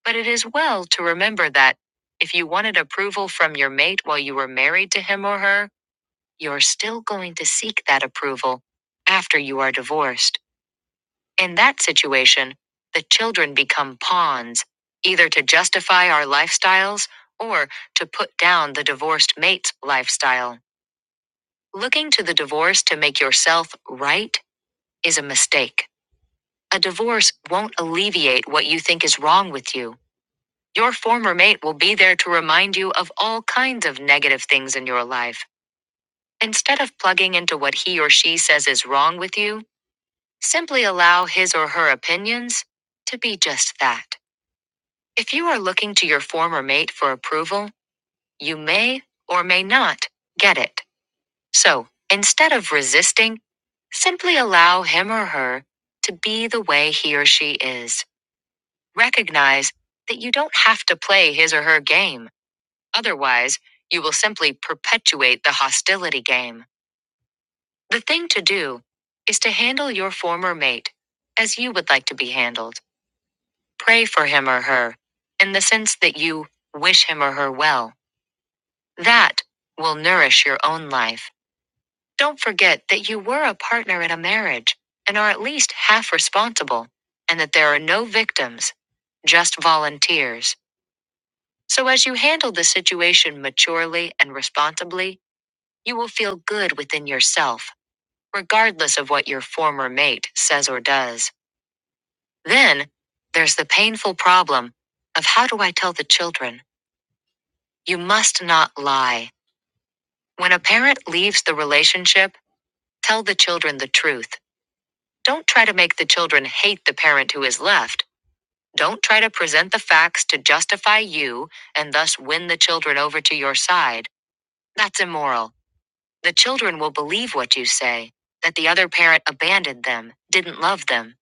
Speaker 1: But it is well to remember that if you wanted approval from your mate while you were married to him or her, you're still going to seek that approval after you are divorced. In that situation, the children become pawns, either to justify our lifestyles or to put down the divorced mate's lifestyle. Looking to the divorce to make yourself right is a mistake. A divorce won't alleviate what you think is wrong with you. Your former mate will be there to remind you of all kinds of negative things in your life. Instead of plugging into what he or she says is wrong with you, simply allow his or her opinions to be just that. If you are looking to your former mate for approval, you may or may not get it. So, instead of resisting, simply allow him or her to be the way he or she is. Recognize that you don't have to play his or her game. Otherwise, you will simply perpetuate the hostility game. The thing to do is to handle your former mate as you would like to be handled. Pray for him or her in the sense that you wish him or her well That will nourish your own life. Don't forget that you were a partner in a marriage and are at least half responsible, and that there are no victims, just volunteers. So, as you handle the situation maturely and responsibly, you will feel good within yourself, regardless of what your former mate says or does. Then, there's the painful problem of how do I tell the children? You must not lie. When a parent leaves the relationship, Tell the children the truth. Don't try to make the children hate the parent who is left. Don't try to present the facts to justify you and thus win the children over to your side. That's immoral. The children will believe what you say that the other parent abandoned them, didn't love them.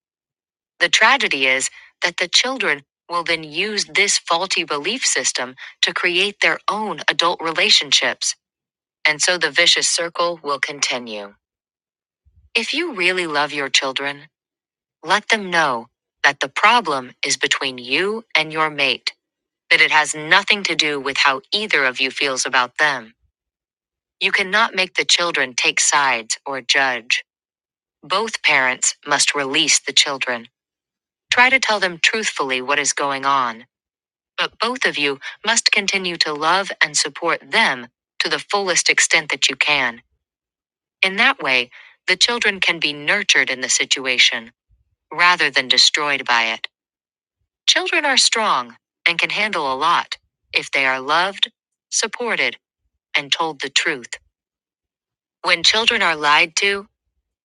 Speaker 1: The tragedy is that the children will then use this faulty belief system to create their own adult relationships. And so the vicious circle will continue. If you really love your children, Let them know that the problem is between you and your mate, that it has nothing to do with how either of you feels about them. You cannot make the children take sides or judge. Both parents must release the children. Try to tell them truthfully what is going on. But both of you must continue to love and support them to the fullest extent that you can. In that way, the children can be nurtured in the situation rather than destroyed by it. Children are strong and can handle a lot if they are loved, supported, and told the truth. When children are lied to,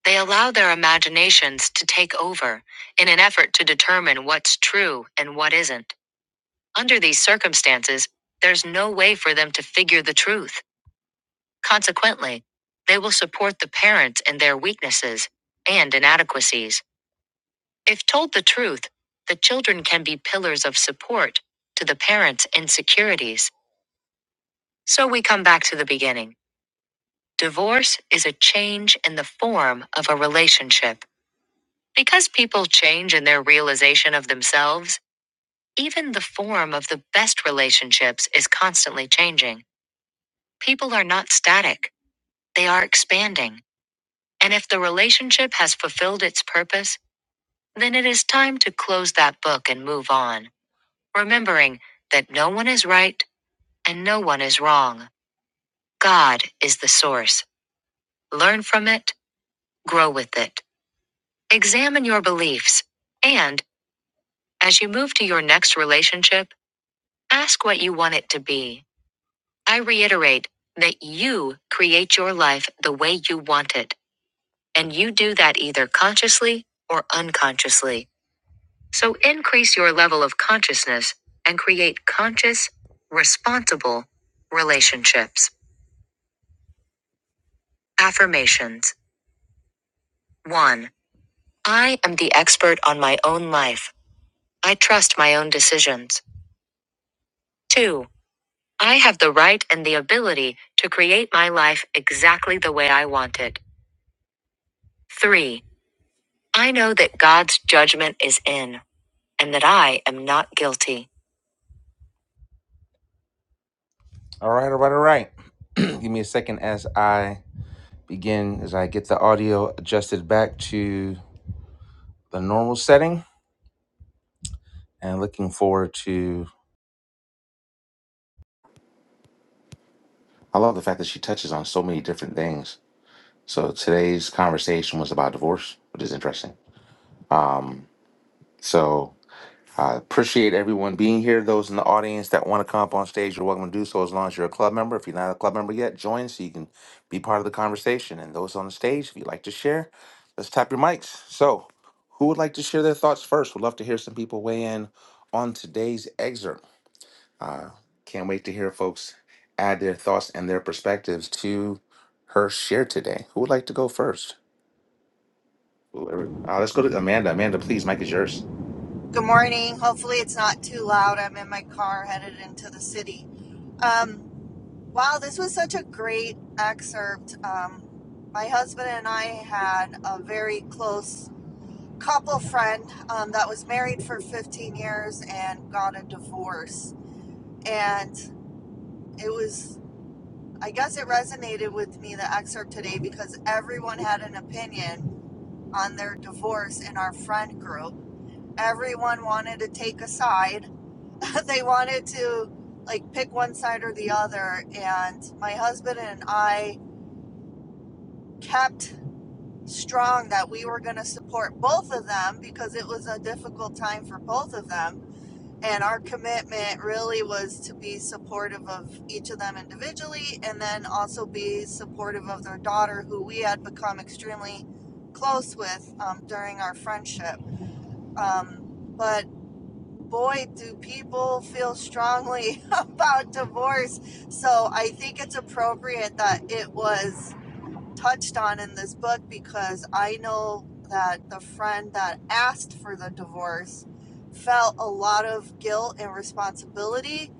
Speaker 1: they allow their imaginations to take over in an effort to determine what's true and what isn't. Under these circumstances, there's no way for them to figure the truth. Consequently, they will support the parents in their weaknesses and inadequacies. If told the truth, the children can be pillars of support to the parents' insecurities So we come back to the beginning. Divorce is a change in the form of a relationship. Because people change in their realization of themselves, even the form of the best relationships is constantly changing. People are not static, they are expanding. And if the relationship has fulfilled its purpose, then it is time to close that book and move on, remembering that no one is right and no one is wrong. God is the source. Learn from it, grow with it. Examine your beliefs. And, as you move to your next relationship, ask what you want it to be. I reiterate that you create your life the way you want it, and you do that either consciously or unconsciously. So increase your level of consciousness and create conscious, responsible relationships. Affirmations 1. I am the expert on my own life. I trust my own decisions. 2. I have the right and the ability to create my life exactly the way I want it. 3. I know that God's judgment is in and that I am not guilty. All right, all right, all right. Give me a second as I begin, as I get the audio adjusted back to the normal setting and looking forward to. I love the fact that she touches on so many different things. So today's conversation was about divorce, which is interesting. Um, so I appreciate everyone being here. Those in the audience that want to come up on stage, you're welcome to do so as long as you're a club member. If you're not a club member yet, join so you can be part of the conversation. And those on the stage, if you'd like to share, let's tap your mics. So, who would like to share their thoughts first? We'd love to hear some people weigh in on today's excerpt. Can't wait to hear folks add their thoughts and their perspectives to her share today. Who would like to go first? Whoever. Uh, let's go to Amanda. Amanda, please, mic is yours.
Speaker 11: Good morning. Hopefully, it's not too loud. I'm in my car headed into the city. Um, wow, this was such a great excerpt. Um, my husband and I had a very close couple friend um, that was married for 15 years and got a divorce. And it was, I guess, it resonated with me, the excerpt today, because everyone had an opinion on their divorce in our friend group. Everyone wanted to take a side they wanted to like pick one side or the other and my husband and I kept strong that we were going to support both of them because it was a difficult time for both of them and our commitment really was to be supportive of each of them individually and then also be supportive of their daughter who we had become extremely close with um, during our friendship um, but boy, do people feel strongly about divorce. So I think it's appropriate that it was touched on in this book because I know that the friend that asked for the divorce felt a lot of guilt and responsibility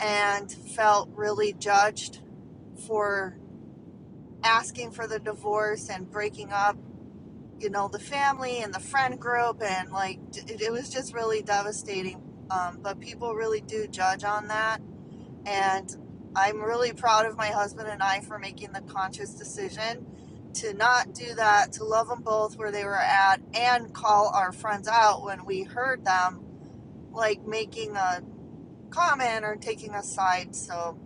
Speaker 11: and felt really judged for asking for the divorce and breaking up you know the family and the friend group and like it, it was just really devastating um, but people really do judge on that and i'm really proud of my husband and i for making the conscious decision to not do that to love them both where they were at and call our friends out when we heard them like making a comment or taking a side so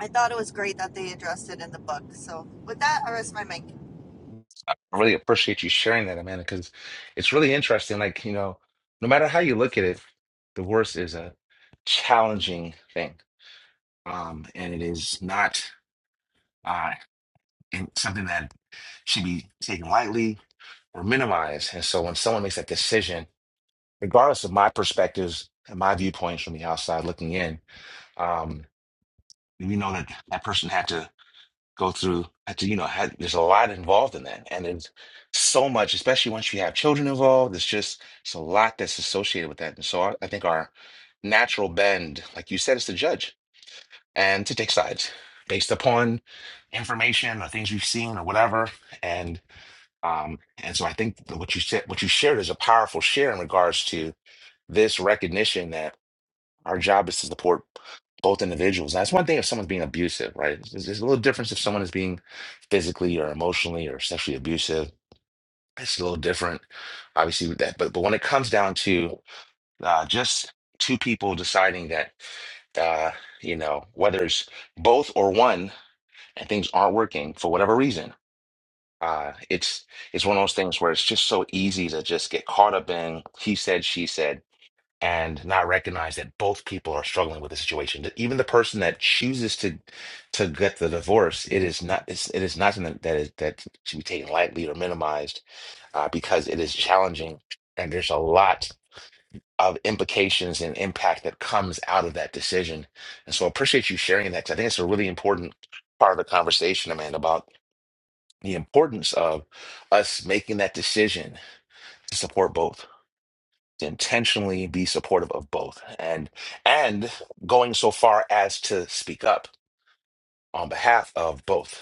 Speaker 11: i thought it was great that they addressed it in the book so with that i rest my mic
Speaker 1: I really appreciate you sharing that, Amanda, because it's really interesting. Like, you know, no matter how you look at it, divorce is a challenging thing. Um, and it is not uh, in- something that should be taken lightly or minimized. And so when someone makes that decision, regardless of my perspectives and my viewpoints from the outside looking in, um, we know that that person had to go through I to you know had there's a lot involved in that and it's so much especially once you have children involved it's just it's a lot that's associated with that and so I, I think our natural bend like you said is to judge and to take sides based upon information or things we've seen or whatever and um and so I think that what you said what you shared is a powerful share in regards to this recognition that our job is to support both individuals. and That's one thing if someone's being abusive, right? There's, there's a little difference if someone is being physically or emotionally or sexually abusive. It's a little different, obviously, with that. But but when it comes down to uh, just two people deciding that, uh, you know, whether it's both or one, and things aren't working for whatever reason, uh, it's it's one of those things where it's just so easy to just get caught up in he said, she said and not recognize that both people are struggling with the situation. That Even the person that chooses to to get the divorce, it is not it's, it is not something that is that should be taken lightly or minimized uh, because it is challenging and there's a lot of implications and impact that comes out of that decision. And so I appreciate you sharing that 'cause I think it's a really important part of the conversation, Amanda, about the importance of us making that decision to support both to intentionally be supportive of both and and going so far as to speak up on behalf of both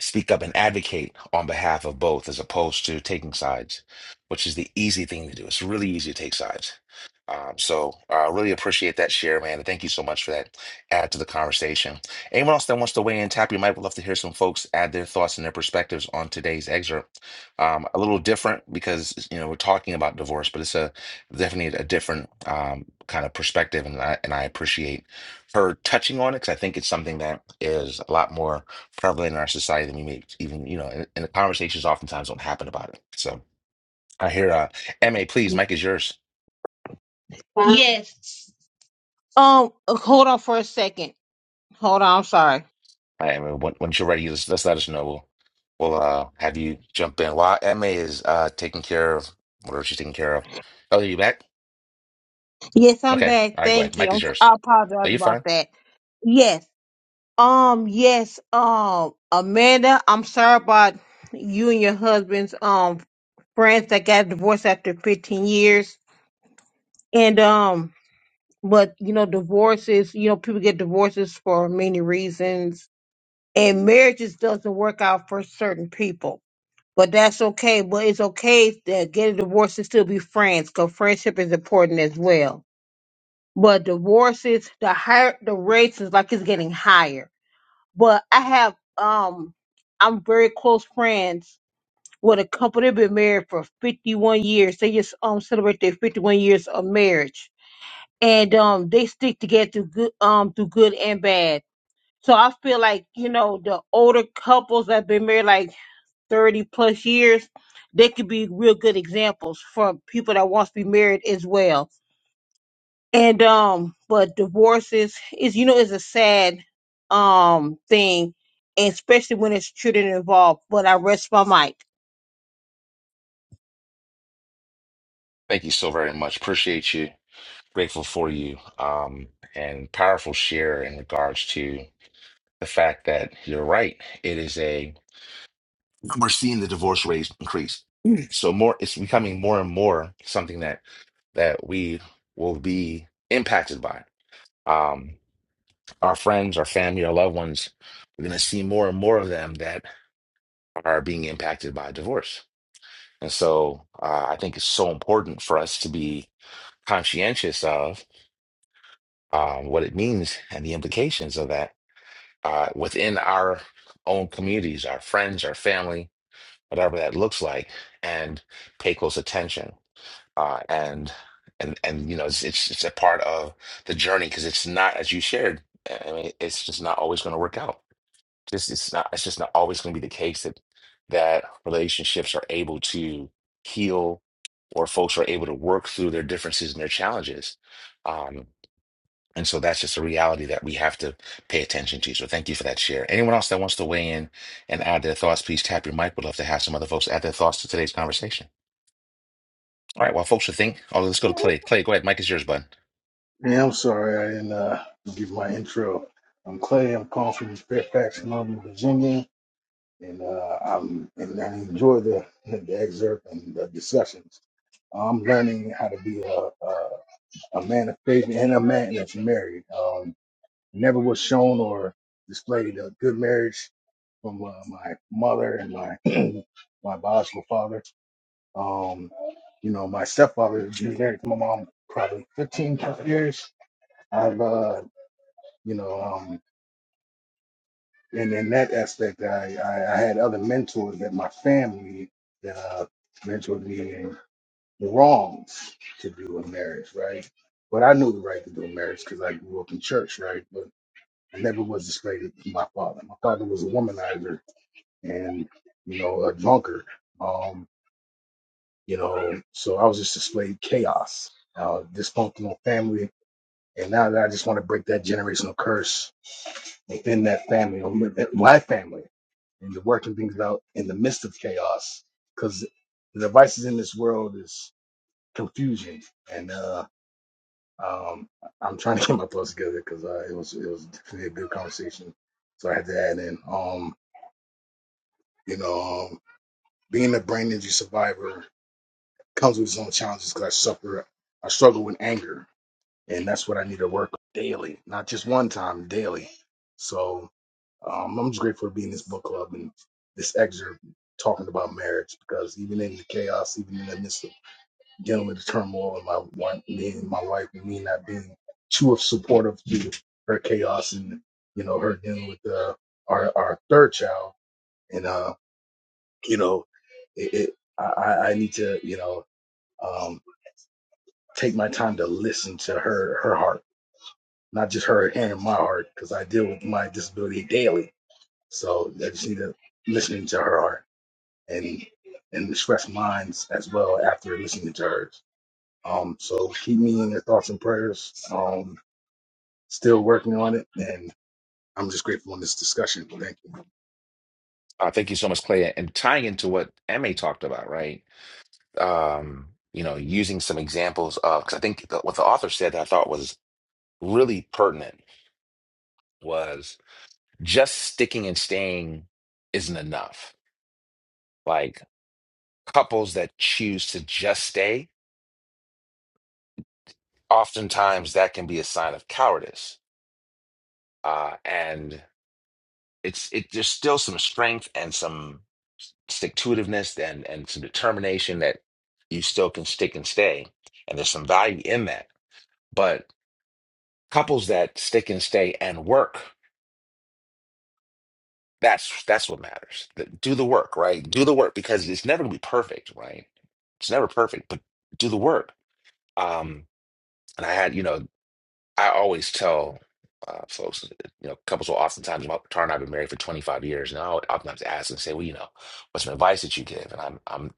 Speaker 1: speak up and advocate on behalf of both as opposed to taking sides, which is the easy thing to do. It's really easy to take sides. Um, so I uh, really appreciate that share, man. And thank you so much for that add to the conversation. Anyone else that wants to weigh in, tap your mic. We'd love to hear some folks add their thoughts and their perspectives on today's excerpt. Um, a little different because you know we're talking about divorce, but it's a definitely a different um, kind of perspective, and I and I appreciate her touching on it because I think it's something that is a lot more prevalent in our society than we may even, you know, and, and the conversations oftentimes don't happen about it. So I hear uh MA, please, Mike is yours.
Speaker 4: Yes. Um, hold on for a second. Hold on, I'm sorry.
Speaker 1: I MA, when, once you're ready, just, just let us know. We'll we'll uh have you jump in. While MA is uh taking care of whatever she's taking care of. Oh, you back?
Speaker 4: Yes, I'm
Speaker 1: Okay.
Speaker 4: back.
Speaker 1: All right, go ahead.
Speaker 4: Thank you.
Speaker 1: Mike is
Speaker 4: I'm-
Speaker 1: yours.
Speaker 4: I
Speaker 1: Are
Speaker 4: apologize
Speaker 1: you
Speaker 4: about
Speaker 1: fine?
Speaker 4: that. Yes. Um, yes, um, Amanda, I'm sorry about you and your husband's um friends that got divorced after 15 years. And um, but you know, divorces, you know, people get divorces for many reasons. And marriages doesn't work out for certain people. But that's okay. But it's okay to get a divorce and still be friends, because friendship is important as well. But divorces, the higher the rates is like it's getting higher. But I have um, I'm very close friends with a couple that been married for 51 years. They just um celebrate their 51 years of marriage, and um they stick together through good um through good and bad. So I feel like you know the older couples that been married like thirty plus years, they could be real good examples for people that wants to be married as well. And um, but divorces is is you know is a sad um thing, and especially when it's children involved. But I rest my mic.
Speaker 1: Thank you so very much. Appreciate you. Grateful for you. Um, and powerful share in regards to the fact that you're right. It is a we're seeing the divorce rate increase. Mm. So more, it's becoming more and more something that that we will be impacted by. Um, our friends, our family, our loved ones, we're going to see more and more of them that are being impacted by divorce. And so uh, I think it's so important for us to be conscientious of um, what it means and the implications of that uh, within our own communities, our friends, our family, whatever that looks like, and pay close attention uh, and and and you know it's it's, it's a part of the journey because it's not as you shared. I mean, it's just not always going to work out. Just it's not it's just not always going to be the case that that relationships are able to heal or folks are able to work through their differences and their challenges. Um, and so that's just a reality that we have to pay attention to. So thank you for that share. Anyone else that wants to weigh in and add their thoughts, please tap your mic. We'd love to have some other folks add their thoughts to today's conversation. All right, well, folks, I think, oh, let's go to Clay. Clay, go ahead. Mike is yours, bud.
Speaker 3: Yeah, I'm sorry I didn't uh, give my intro. I'm Clay. I'm calling from Fairfax, Northern Virginia, and uh, I'm and I enjoy the, the excerpt and the discussions. I'm learning how to be a, a, a man of faith and a man that's married. Um, never was shown or displayed a good marriage from uh, my mother and my my biological father. Um, you know, my stepfather was married to my mom probably 15 plus years. I've uh, you know um and in that aspect I, I i had other mentors that my family that uh mentored me in the wrongs to do in marriage right but i knew the right to do in marriage because i grew up in church right but i never was displayed to my father my father was a womanizer and you know a drunkard um you know so i was just displayed chaos uh dysfunctional family and now that i just want to break that generational curse within that family, or my family. and to working things out in the midst of chaos because the devices in this world is confusion and uh um i'm trying to get my thoughts together because uh, it was it was definitely a good conversation so i had to add in um you know um, being a brain injury survivor comes with its own challenges because i suffer i struggle with anger and that's what i need to work on daily not just one time daily so Um, I'm just grateful to be in this book club and this excerpt talking about marriage because even in the chaos, even in the midst of dealing with the turmoil and my wife, me and my wife and me not being too supportive to her chaos and you know her dealing with uh, our our third child and uh you know it, it I I I need to you know um take my time to listen to her her heart not just her hearing my heart because I deal with my disability daily so I just need to listening to her heart and and express minds as well after listening to hers. Um, so keep me in your thoughts and prayers. Um, still working on it, and I'm just grateful in this discussion. Thank you.
Speaker 1: Uh, thank you so much, Clay. And tying into what Emma talked about, right? Um, you know, using some examples of, because I think the, what the author said that I thought was really pertinent was just sticking and staying isn't enough. Like couples that choose to just stay, oftentimes that can be a sign of cowardice. Uh, and It's it there's still some strength and some stick to itiveness and and some determination that you still can stick and stay. And there's some value in that. But couples that stick and stay and work, that's that's what matters. That- Do the work, right? Do the work because it's never gonna be perfect, right? It's never perfect, but do the work. Um, and I had, you know. I always tell uh, folks, uh, you know, couples will oftentimes, my partner and I have been married for 25 years, and I'll oftentimes ask and say, well, you know, what's some advice that you give? And I'm, I'm,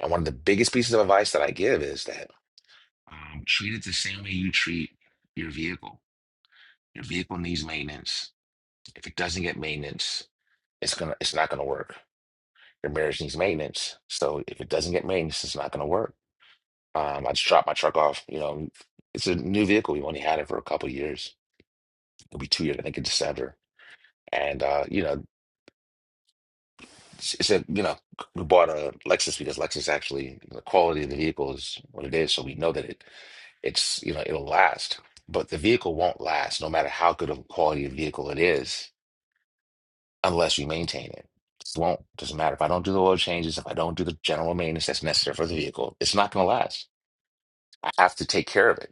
Speaker 1: and one of the biggest pieces of advice that I give is that um, treat it the same way you treat your vehicle. Your vehicle needs maintenance. If it doesn't get maintenance, it's gonna, it's not gonna work. Your marriage needs maintenance. So if it doesn't get maintenance, it's not gonna work. Um, I just dropped my truck off. You know, it's a new vehicle. We've only had it for a couple years. It'll be two years, I think, in December And uh, you know, she said, you know, we bought a Lexus because Lexus actually the quality of the vehicle is what it is, so we know that it it's you know it'll last. But the vehicle won't last, no matter how good of a quality of vehicle it is, unless you maintain it. It won't. Doesn't matter if I don't do the oil changes, if I don't do the general maintenance that's necessary for the vehicle, it's not going to last. I have to take care of it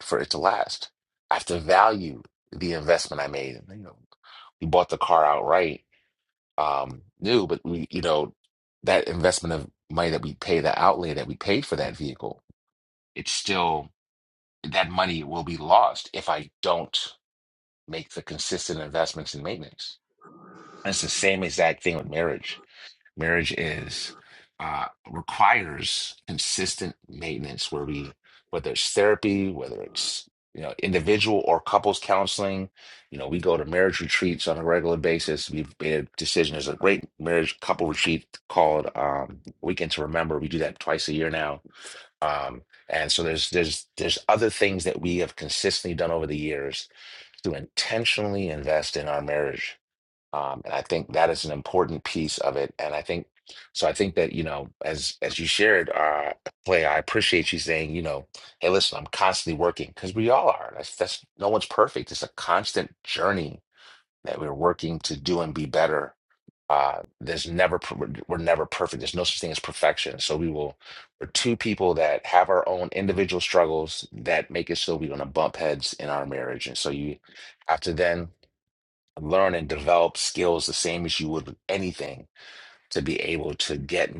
Speaker 1: for it to last. I have to value the investment I made. You know, we bought the car outright um new, but we, you know, that investment of money that we pay, the outlay that we paid for that vehicle, it's still that money will be lost if I don't make the consistent investments in maintenance. And it's the same exact thing with marriage marriage is uh, requires consistent maintenance where we whether it's therapy whether it's you know individual or couples counseling you know we go to marriage retreats on a regular basis we've made a decision there's a great marriage couple retreat called um, weekend to remember we do that twice a year now um, and so there's there's there's other things that we have consistently done over the years to intentionally invest in our marriage um, and I think that is an important piece of it. And I think so. I think that you know, as as you shared, uh, play, I appreciate you saying, you know, hey, listen, I'm constantly working because we all are. That's that's no one's perfect. It's a constant journey that we're working to do and be better. Uh, there's never per- we're we're never perfect. There's no such thing as perfection. So we will. We're two people that have our own individual struggles that make it so we're gonna bump heads in our marriage, and so you have to then learn and develop skills the same as you would with anything to be able to get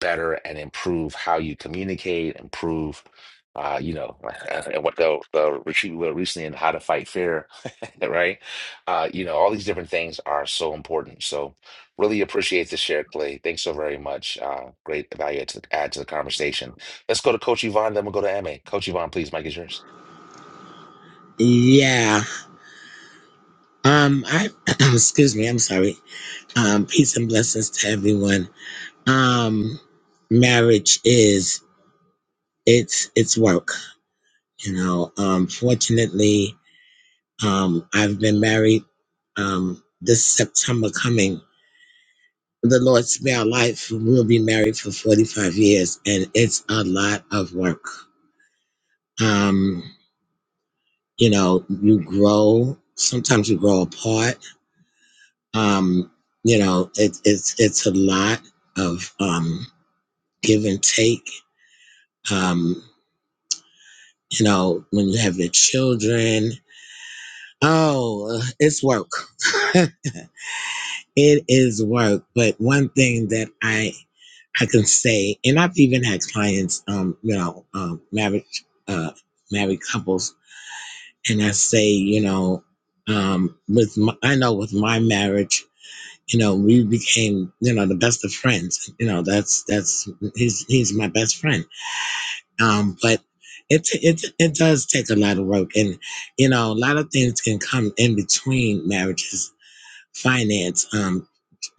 Speaker 1: better and improve how you communicate, improve, uh, you know, and what the, the retreat we were recently in, how to fight fear, right? Uh, you know, all these different things are so important. So, really appreciate the share, Clay. Thanks so very much. Uh, great value to add to the conversation. Let's go to Coach Yvonne, then we'll go to Emma. Coach Yvonne, please, Mike is yours.
Speaker 12: Yeah. Um I excuse me, I'm sorry. Um peace and blessings to everyone. Um marriage is it's it's work, you know. Um fortunately, um I've been married um this September coming. The Lord spare our life. We'll be married for 45 years and it's a lot of work. Um you know, you grow, sometimes you grow apart Um, you know, it, it's it's a lot of um, give and take. Um, you know, when you have your children, oh, it's work. it is work. But one thing that I I can say, and I've even had clients, um, you know, um, married uh, married couples, and I say, you know, um, with my, I know with my marriage you know, we became, you know, the best of friends. You know, that's that's he's he's my best friend. Um, but it it it does take a lot of work, and you know, a lot of things can come in between marriages, finance, um,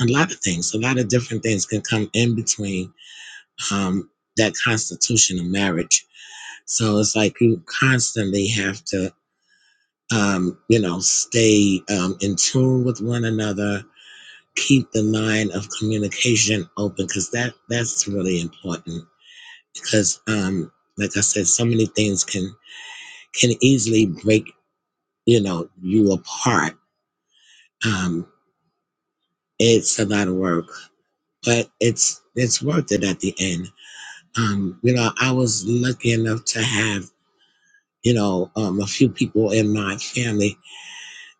Speaker 12: a lot of things, a lot of different things can come in between um that constitution of marriage. So it's like you constantly have to, um, you know, stay um, in tune with one another keep the line of communication open because that that's really important because um like i said so many things can can easily break you know you apart um it's a lot of work but it's it's worth it at the end um you know i was lucky enough to have you know um a few people in my family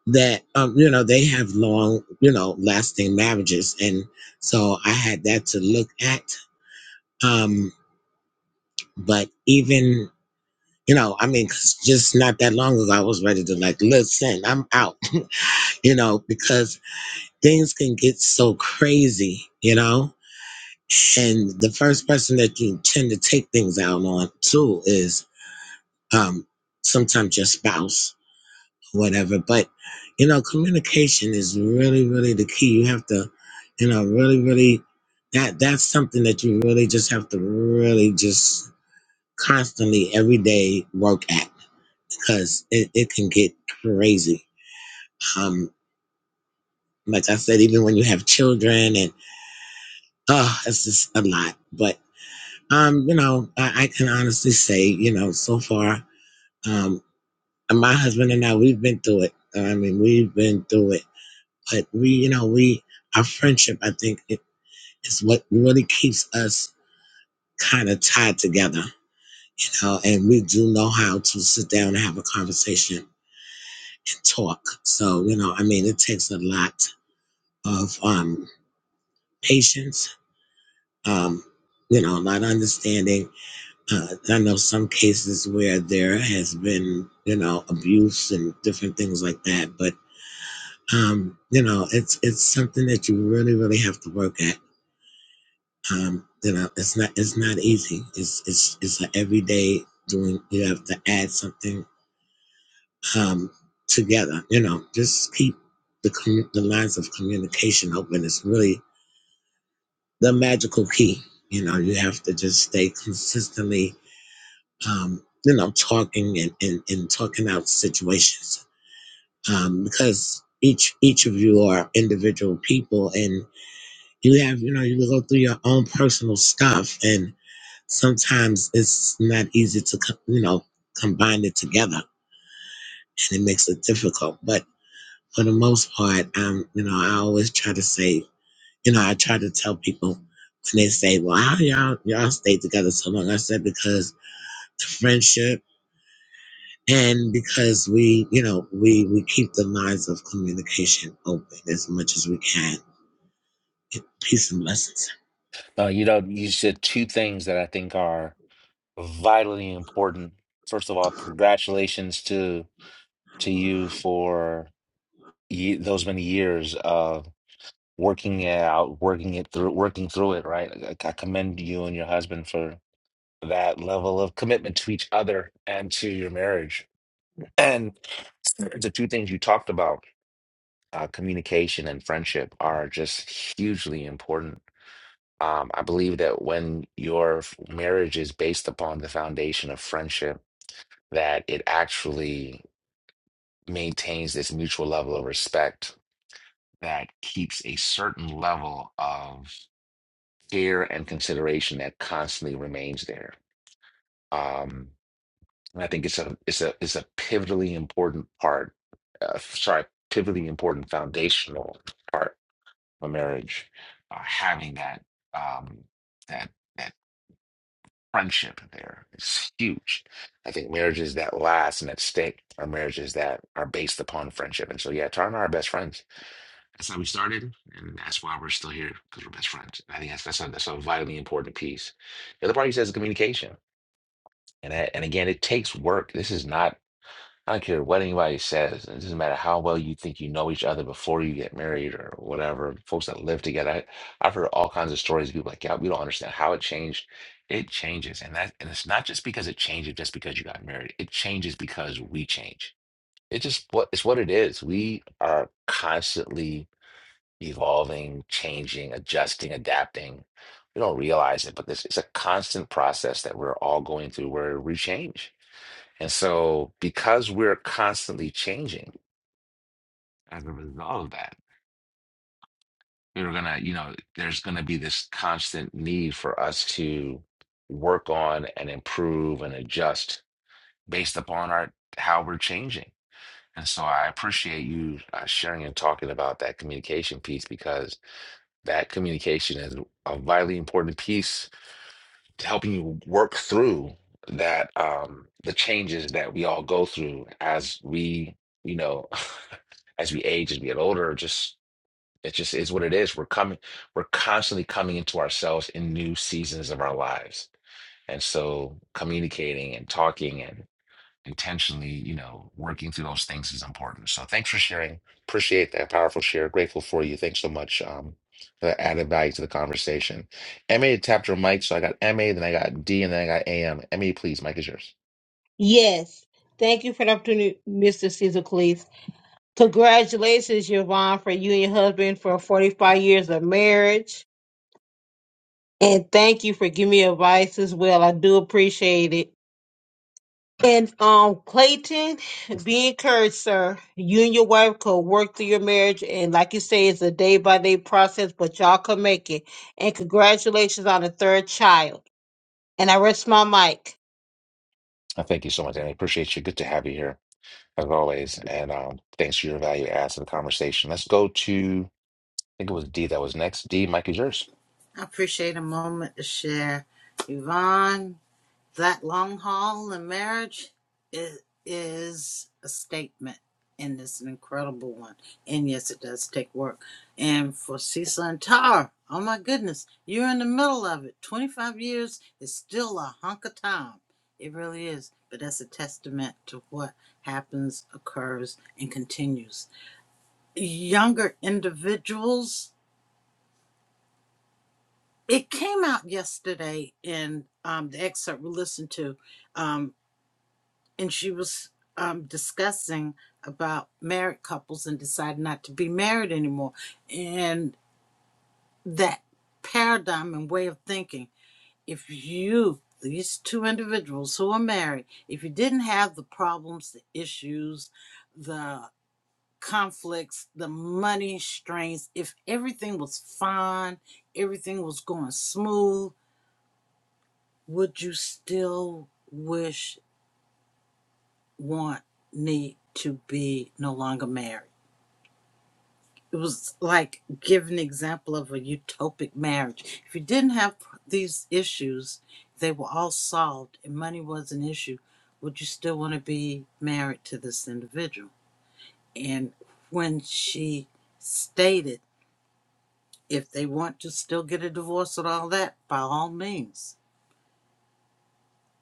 Speaker 12: that um you know they have long you know lasting marriages and so i had that to look at Um, But even, you know, I mean, 'cause just not that long ago, I was ready to like, listen, I'm out, you know, because things can get so crazy, you know? And the first person that you tend to take things out on too is um, sometimes your spouse, whatever. But, you know, communication is really, really the key. You have to, you know, really, really, that that's something that you really just have to really just constantly every day work at because it, it can get crazy. Um, like I said, even when you have children and oh, it's just a lot. But um, you know, I, I can honestly say, you know, so far, um, my husband and I, we've been through it. I mean, we've been through it. But we, you know, we our friendship, I think, it is what really keeps us kind of tied together. You know, and we do know how to sit down and have a conversation and talk. So, you know, I mean, it takes a lot of um patience, um, you know, a lot of understanding. Uh, I know some cases where there has been, you know, abuse and different things like that, but um, you know, it's it's something that you really, really have to work at. Um, you know, it's not it's not easy. It's it's it's an everyday doing. You have to add something um, together. You know, just keep the commu- the lines of communication open. It's really the magical key. You know, you have to just stay consistently um, you know, talking and, and, and talking out situations um, because each each of you are individual people and you have you know you go through your own personal stuff and sometimes it's not easy to co- you know combine it together and it makes it difficult but for the most part um you know I always try to say you know I try to tell people when they say well how y'all y'all stay together so long I said because the friendship and because we you know we we keep the lines of communication open as much as we can peace and blessings
Speaker 1: Uh, you know, you said two things that I think are. vitally important. First of all, congratulations to to you for ye those many years of working it out, working it through, working through it. Right, I, I commend you and your husband for that level of commitment to each other and to your marriage. And the two things you talked about, uh, communication and friendship, are just hugely important. Um, I believe that when your f- marriage is based upon the foundation of friendship that it actually maintains this mutual level of respect that keeps a certain level of care and consideration that constantly remains there. Um, and I think it's a it's a it's a pivotally important part. Uh, sorry, pivotally important foundational part of marriage. Uh, having that um, that. that friendship there is huge. I think marriages that last and that stick are marriages that are based upon friendship. And so, yeah, Tara and I are best friends. That's how we started, and that's why we're still here because we're best friends. And I think that's that's a, that's a vitally important piece. The other part he says is communication, and I, and again, it takes work. This is not. I don't care what anybody says. It doesn't matter how well you think you know each other before you get married or whatever. Folks that live together. I, I've heard all kinds of stories. People like, yeah, we don't understand how it changed. It changes, and that and it's not just because it changes just because you got married. It changes because we change. It just what it's what it is. We are constantly evolving, changing, adjusting, adapting. We don't realize it, but this it's a constant process that we're all going through where we change and so, because we're constantly changing as a result of that, we are gonna, you know, there's gonna be this constant need for us to work on and improve and adjust based upon our how we're changing. And so, I appreciate you uh, sharing and talking about that communication piece because that communication is a vitally important piece helping you work through that um the changes that we all go through as we you know as we age as we get older just it just is what it is we're coming we're constantly coming into ourselves in new seasons of our lives and so communicating and talking and intentionally, you know, working through those things is important. So thanks for sharing. Appreciate that powerful share. Grateful for you. Thanks so much um, for that added value to the conversation. MA tapped her mic, so I got MA, then I got D, and then I got AM. MA, please, mic is yours.
Speaker 4: Yes, thank you for the opportunity, Mr. Caesar Cleese. Congratulations, Yvonne, for you and your husband for 45 years of marriage. And thank you for giving me advice as well. I do appreciate it. And um, Clayton, be encouraged, sir. You and your wife could work through your marriage, and like you say, it's a day by day process, but y'all could make it. And congratulations on the third child. And I rest my mic.
Speaker 1: Uh, thank you so much, MA. Appreciate you. Good to have you here as always. And um, thanks for your value add to the conversation. Let's go to, I think it was D that was next. D, mic is yours.
Speaker 2: I appreciate a moment to share. Yvonne, that long haul in marriage is, is a statement and it's an incredible one and yes it does take work and for cecil and Tara, oh my goodness you're in the middle of it 25 years is still a hunk of time it really is but that's a testament to what happens occurs and continues younger individuals it came out yesterday in um, the excerpt we listened to Um, and she was um, discussing about married couples and decided not to be married anymore and that paradigm and way of thinking if you these two individuals who are married if you didn't have the problems the issues the conflicts the money strains if everything was fine everything was going smooth would you still wish want need to be no longer married it was like give an example of a utopic marriage. If you didn't have these issues, they were all solved and money was an issue, would you still want to be married to this individual? And when she stated if they want to still get a divorce and all that, by all means,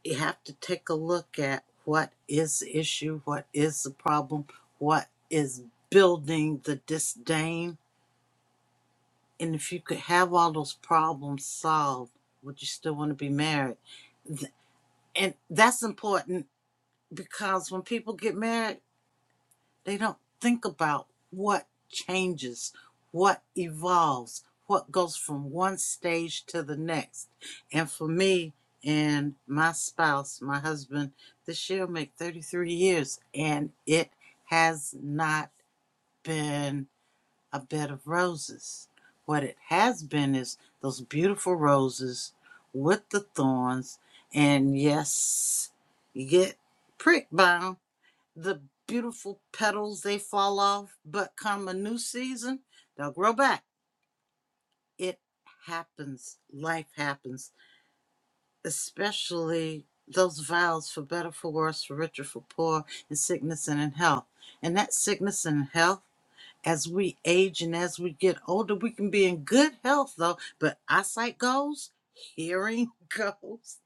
Speaker 2: you have to take a look at what is the issue, what is the problem, what is building the disdain And if you could have all those problems solved, would you still want to be married? And that's important because when people get married, they don't think about what changes, what evolves, what goes from one stage to the next. And for me and my spouse, my husband, this year will make 33 years, and it has not been a bed of roses. What it has been is those beautiful roses with the thorns, and yes, you get pricked by 'em. The beautiful petals they fall off, but come a new season, they'll grow back. It happens. Life happens, especially those vows for better, for worse, for richer, for poor, in sickness and in health. And that sickness and health as we age and as we get older, we can be in good health though, but eyesight goes, hearing goes,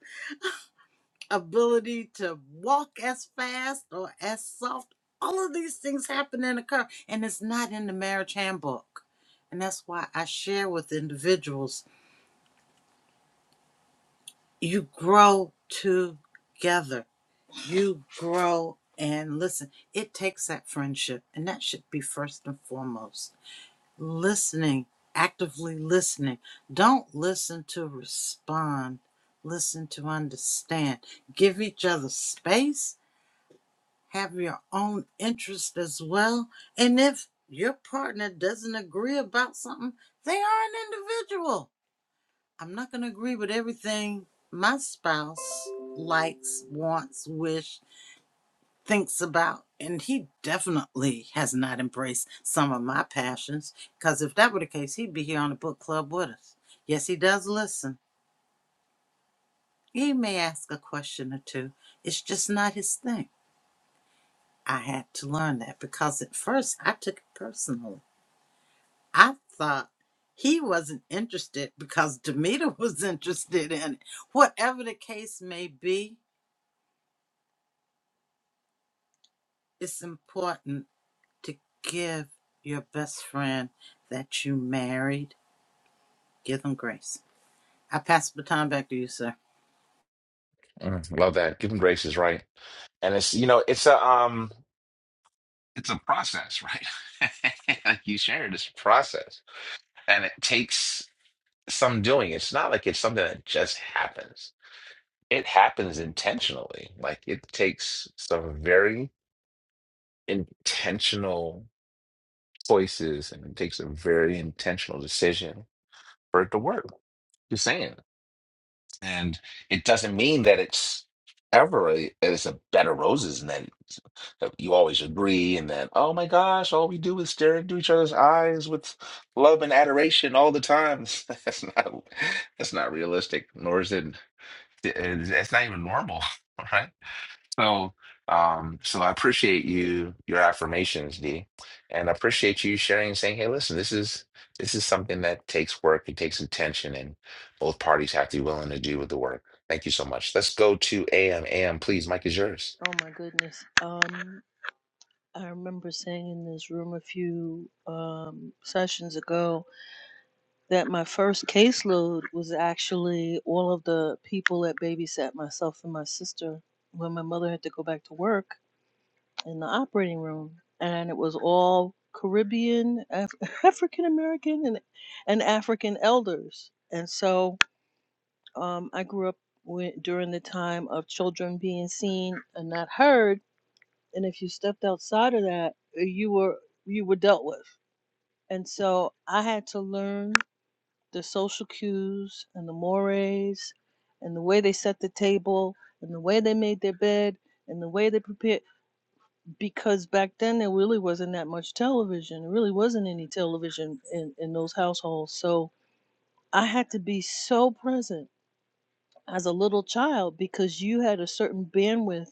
Speaker 2: ability to walk as fast or as soft. All of these things happen and occur, and it's not in the marriage handbook. And that's why I share with individuals you grow together, you grow and listen. It takes that friendship, and that should be first and foremost. listening, actively listening. Don't listen to respond, listen to understand. Give each other space, have your own interest as well. And if your partner doesn't agree about something, they are an individual. I'm not going to agree with everything my spouse likes, wants, wish thinks about. And he definitely has not embraced some of my passions, because if that were the case, he'd be here on the book club with us. Yes, he does listen. He may ask a question or two. It's just not his thing. I had to learn that because at first I took it personally. I thought he wasn't interested because Demeter was interested in it. Whatever the case may be, it's important to give your best friend that you married Give them grace. I pass the baton back to you, sir.
Speaker 1: Mm, love that. Giving grace is right. And it's, you know, it's a, um, it's a process, right? like you shared, it's a process. And it takes some doing. It's not like it's something that just happens. It happens intentionally. Like it takes some very intentional choices and it takes a very intentional decision for it to work. Just saying. And it doesn't mean that it's ever a, it's a bed of roses and that that you always agree and that, oh my gosh, all we do is stare into each other's eyes with love and adoration all the time. That's not that's not realistic, nor is it it's it's not even normal, right? So, um, so I appreciate you your affirmations, D, and I appreciate you sharing and saying, "Hey, listen, this is this is something that takes work, it takes attention, and both parties have to be willing to do with the work." Thank you so much. Let's go to AM. AM, please. Mike is yours.
Speaker 10: Oh my goodness. Um, I remember saying in this room a few um sessions ago that my first caseload was actually all of the people that babysat myself and my sister when my mother had to go back to work in the operating room. And it was all Caribbean, Af- African American, and, and African elders. And so um, I grew up wi- during the time of children being seen and not heard. And if you stepped outside of that, you were you were dealt with. And so I had to learn the social cues and the mores and the way they set the table and the way they made their bed and the way they prepared because back then there really wasn't that much television there really wasn't any television in, in those households so i had to be so present as a little child because you had a certain bandwidth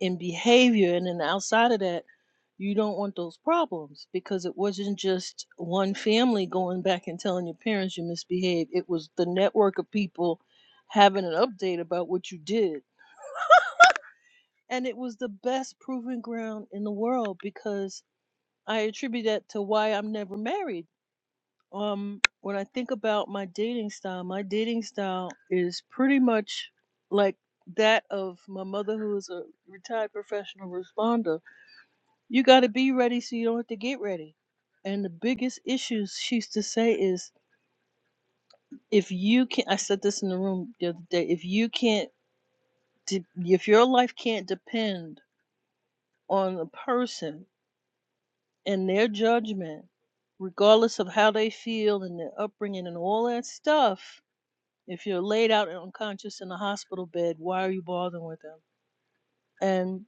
Speaker 10: in behavior and then outside of that you don't want those problems because it wasn't just one family going back and telling your parents you misbehaved it was the network of people having an update about what you did and it was the best proving ground in the world because i attribute that to why i'm never married um when i think about my dating style my dating style is pretty much like that of my mother who is a retired professional responder You got to be ready so you don't have to get ready. And the biggest issues she used to say is if you can't, I said this in the room the other day, if you can't, de- if your life can't depend on a person and their judgment, regardless of how they feel and their upbringing and all that stuff, if you're laid out and unconscious in a hospital bed, why are you bothering with them? and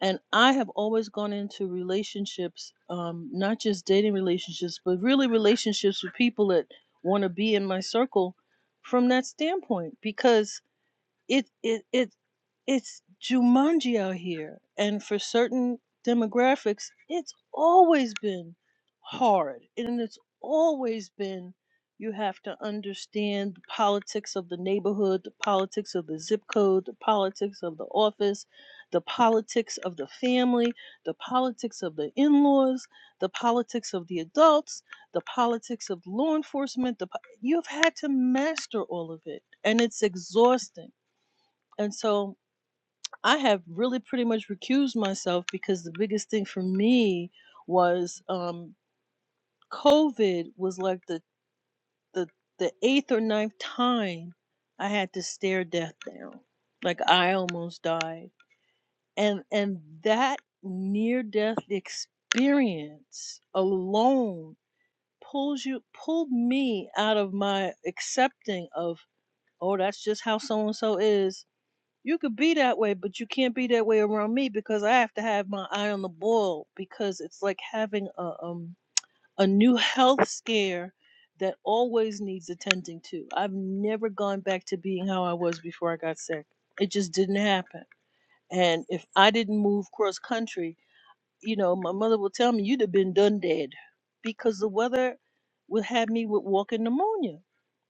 Speaker 10: and I have always gone into relationships, um, not just dating relationships, but really relationships with people that want to be in my circle from that standpoint because it it it it's Jumanji out here, and for certain demographics, it's always been hard, and it's always been you have to understand the politics of the neighborhood, the politics of the zip code, the politics of the office, the politics of the family, the politics of the in-laws, the politics of the adults, the politics of law enforcement. The po- you've had to master all of it, and it's exhausting and so I have really pretty much recused myself because the biggest thing for me was um, COVID was like the, the, the eighth or ninth time I had to stare death down. Like I almost died. And, and that near death experience alone pulls you, pulled me out of my accepting of, oh, that's just how so and so is You could be that way, but you can't be that way around me because I have to have my eye on the ball because it's like having a um a new health scare that always needs attending to. I've never gone back to being how I was before I got sick. It just didn't happen. And if I didn't move cross country, you know, my mother would tell me you'd have been done dead because the weather would have me with walking pneumonia.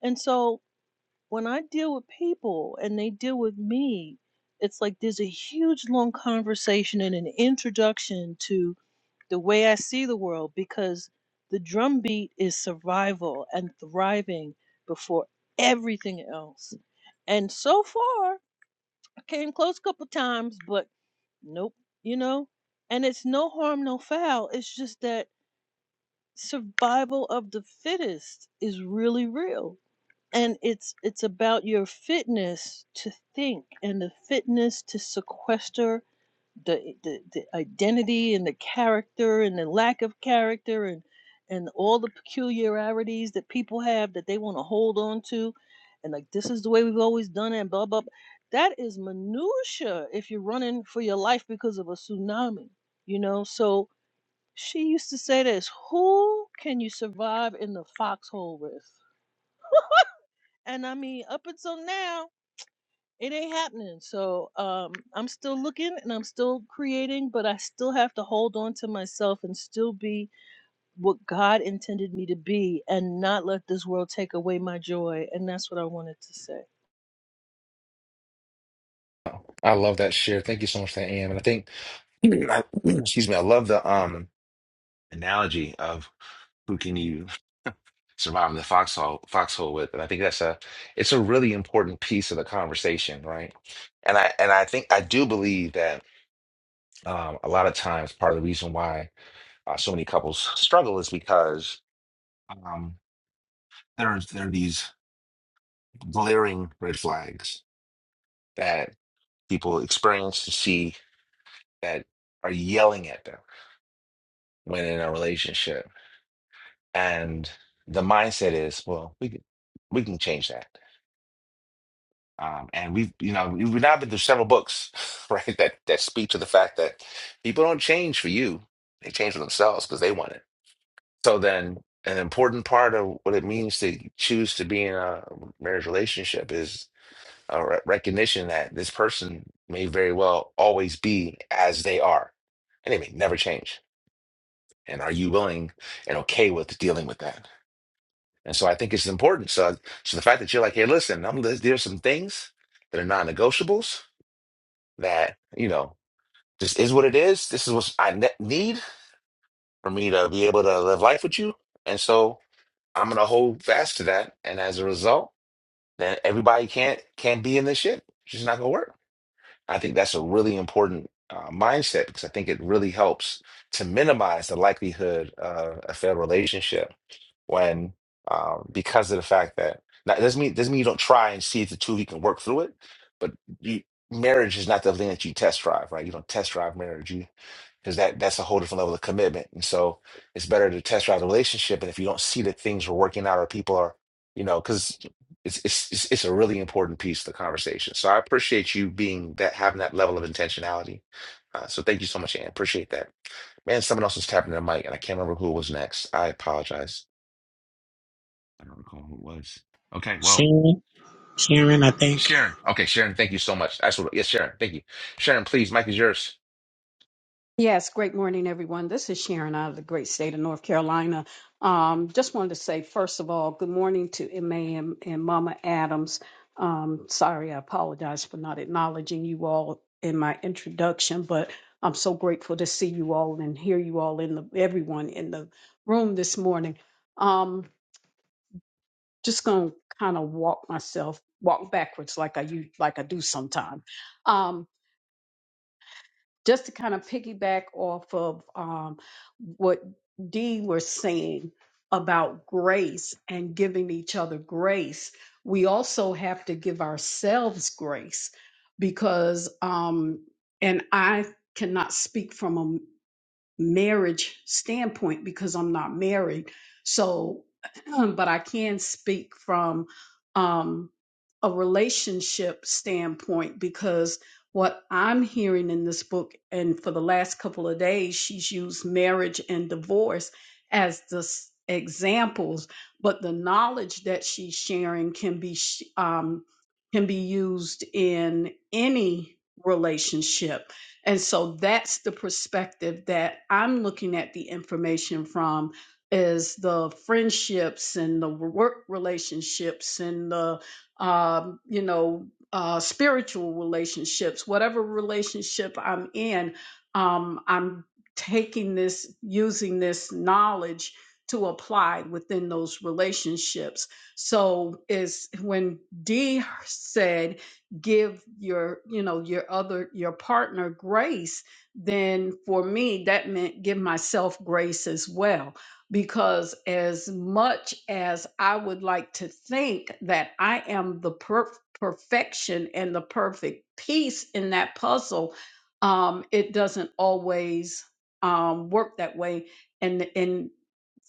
Speaker 10: And so when I deal with people and they deal with me, it's like there's a huge long conversation and an introduction to the way I see the world because the drumbeat is survival and thriving before everything else. And so far, I came close a couple times, but nope, you know? And it's no harm, no foul. It's just that survival of the fittest is really real and it's it's about your fitness to think and the fitness to sequester the, the the identity and the character and the lack of character and and all the peculiarities that people have that they want to hold on to and like this is the way we've always done it and blah blah blah. that is minutia if you're running for your life because of a tsunami you know so she used to say this who can you survive in the foxhole with and I mean, up until now, it ain't happening. So um, I'm still looking and I'm still creating, but I still have to hold on to myself and still be what God intended me to be, and not let this world take away my joy. And that's what I wanted to say.
Speaker 1: I love that share. Thank you so much for that, AM. And I think, excuse me, I love the um. analogy of who can you survive in the foxhole foxhole with. And I think that's a it's a really important piece of the conversation, right? And I and I think I do believe that um, a lot of times part of the reason why uh, so many couples struggle is because um, there's there are these glaring red flags that people experience to see that are yelling at them when in a relationship, and the mindset is, well, we can, we can change that Um, and we've, you know, we've now been through several books, right, that that speak to the fact that people don't change for you; they change for themselves because they want it. So then, an important part of what it means to choose to be in a marriage relationship is a re- recognition that this person may very well always be as they are, and they may never change. And are you willing and okay with dealing with that? And so I think it's important. So, so the fact that you're like, hey, listen, I'm, there's some things that are non-negotiables that you know this is what it is. This is what I ne- need for me to be able to live life with you, and so I'm gonna hold fast to that. And as a result, then everybody can't can't be in this shit. It's just not gonna work. I think that's a really important uh, mindset because I think it really helps to minimize the likelihood of a failed relationship when um, because of the fact that now, it doesn't mean doesn't mean you don't try and see if the two of you can work through it, but you, marriage is not the thing that you test drive, right? You don't test drive marriage, you because that that's a whole different level of commitment, and so it's better to test drive the relationship. And if you don't see that things are working out or people are, you know, because it's it's it's it's a really important piece of the conversation. So I appreciate you being that having that level of intentionality. Uh, so thank you so much, Ann. Appreciate that. Man, someone else was tapping their mic, and I can't remember who was next. I apologize. I don't recall who it was. Okay, well,
Speaker 12: sharon sharon i think
Speaker 1: Sharon. Okay, Sharon, thank you so much. That's what, yes, Sharon, thank you. Sharon, please, Mike is yours.
Speaker 7: Yes, great morning, everyone. This is Sharon out of the great state of North Carolina. Um, just wanted to say, first of all, good morning to MA and, and Mama Adams. Um, sorry, I apologize for not acknowledging you all in my introduction, but I'm so grateful to see you all and hear you all in the everyone in the room this morning. Um, just gonna kind of walk myself walk backwards like I u- like I do sometimes just to kind of piggyback off of um, what Dean was saying about grace and giving each other grace, we also have to give ourselves grace because, um, and I cannot speak from marriage standpoint because I'm not married. So, but I can speak from um, a relationship standpoint because what I'm hearing in this book, and for the last couple of days, she's used marriage and divorce as the s- examples, but the knowledge that she's sharing can be sh- um, can be used in any relationship and so that's the perspective that I'm looking at the information from is the friendships and the work relationships and the um, you know uh, spiritual relationships, whatever relationship I'm in, um, I'm taking this using this knowledge to apply within those relationships. So is when D said give your you know your other your partner grace then for me that meant give myself grace as well because as much as i would like to think that i am the per- perfection and the perfect piece in that puzzle um it doesn't always um work that way and and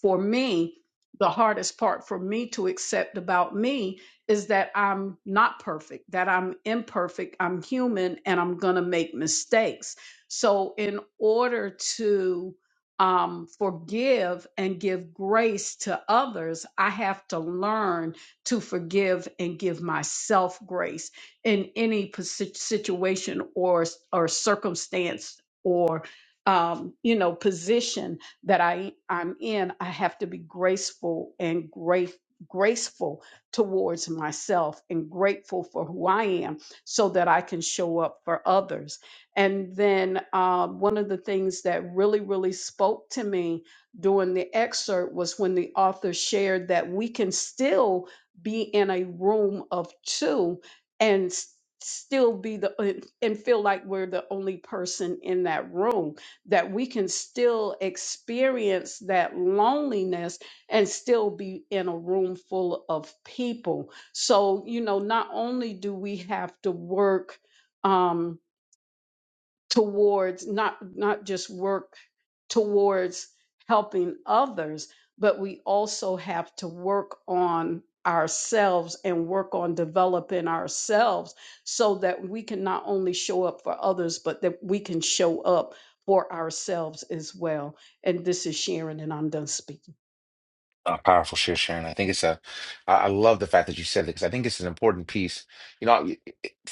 Speaker 7: for me the hardest part for me to accept about me is that I'm not perfect, that I'm imperfect, I'm human, and I'm going to make mistakes. So, in order to um, forgive and give grace to others, I have to learn to forgive and give myself grace in any posi- situation or or circumstance or um, you know position that I I'm in. I have to be graceful and great graceful towards myself and grateful for who I am so that I can show up for others. And then uh, one of the things that really, really spoke to me during the excerpt was when the author shared that we can still be in a room of two and s- still be the and and feel like we're the only person in that room that we can still experience that loneliness and still be in a room full of people. So, you know, not only do we have to work um, towards not not just work towards helping others, but we also have to work on ourselves and work on developing ourselves so that we can not only show up for others, but that we can show up for ourselves as well. And this is Sharon, and I'm done speaking.
Speaker 1: Uh, powerful share, Sharon. I think it's a. I I love the fact that you said it because I think it's an important piece. You know,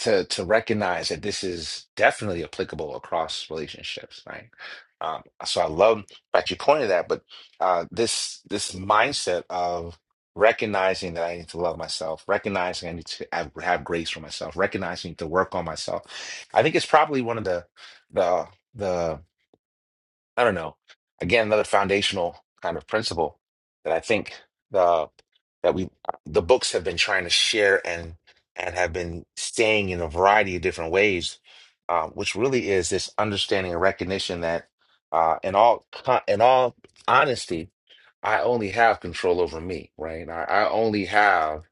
Speaker 1: to to recognize that this is definitely applicable across relationships, right? Um, so I love that you pointed that, but uh, this this mindset of recognizing that I need to love myself, recognizing I need to have, have grace for myself, recognizing to work on myself. I think it's probably one of the the the I don't know. Again, another foundational kind of principle that I think the that we the books have been trying to share and and have been staying in a variety of different ways, uh, which really is this understanding and recognition that uh, in all co- in all honesty, I only have control over me, right? I, I only have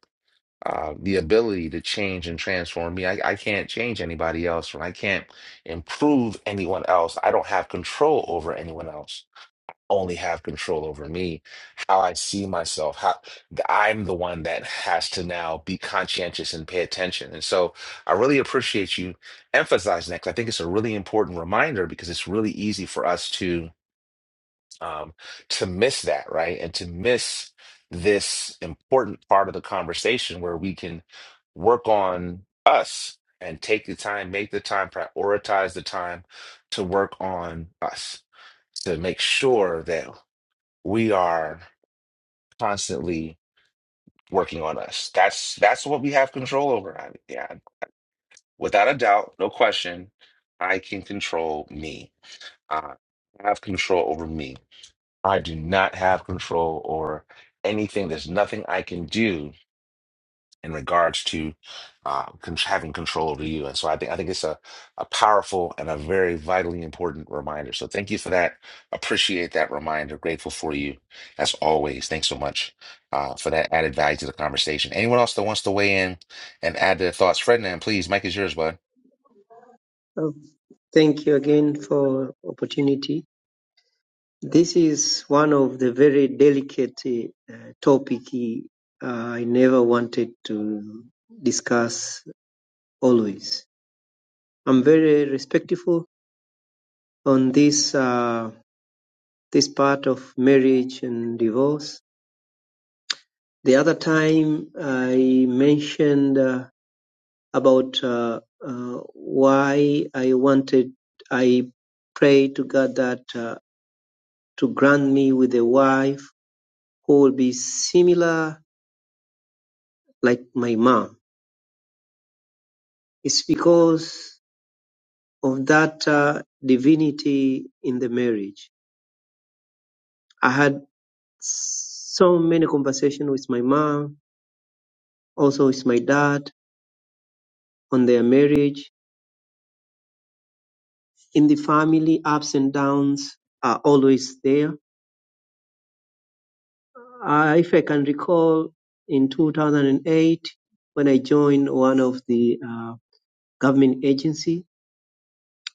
Speaker 1: uh, the ability to change and transform me. I, I can't change anybody else, right? I can't improve anyone else. I don't have control over anyone else only have control over me, how I see myself, how I'm the one that has to now be conscientious and pay attention. And so I really appreciate you emphasizing that 'cause I think it's a really important reminder because it's really easy for us to um, to miss that, right? And to miss this important part of the conversation where we can work on us and take the time, make the time, prioritize the time to work on us to make sure that we are constantly working on us. That's that's what we have control over. I, yeah, without a doubt, no question, I can control me. I have control over me. I do not have control over anything. There's nothing I can do in regards to uh, con- having control over you. And so I think I think it's a, a powerful and a very vitally important reminder. So thank you for that. Appreciate that reminder. Grateful for you as always. Thanks so much uh, for that added value to the conversation. Anyone else that wants to weigh in and add their thoughts, Ferdinand, please. Mike is yours, bud.
Speaker 13: Oh, Thank you again for opportunity. This is one of the very delicate uh, topic uh, I never wanted to discuss always. I'm very respectful on this uh, this part of marriage and divorce. The other time I mentioned uh, about uh, uh, why I wanted I pray to God that uh, to grant me with a wife who Will be similar like my mom. It's because of that uh, divinity in the marriage. I had so many conversations with my mom, also with my dad on their marriage. In the family, ups and downs are always there. Uh, if I can recall, in 2008, when I joined one of the uh, government agency,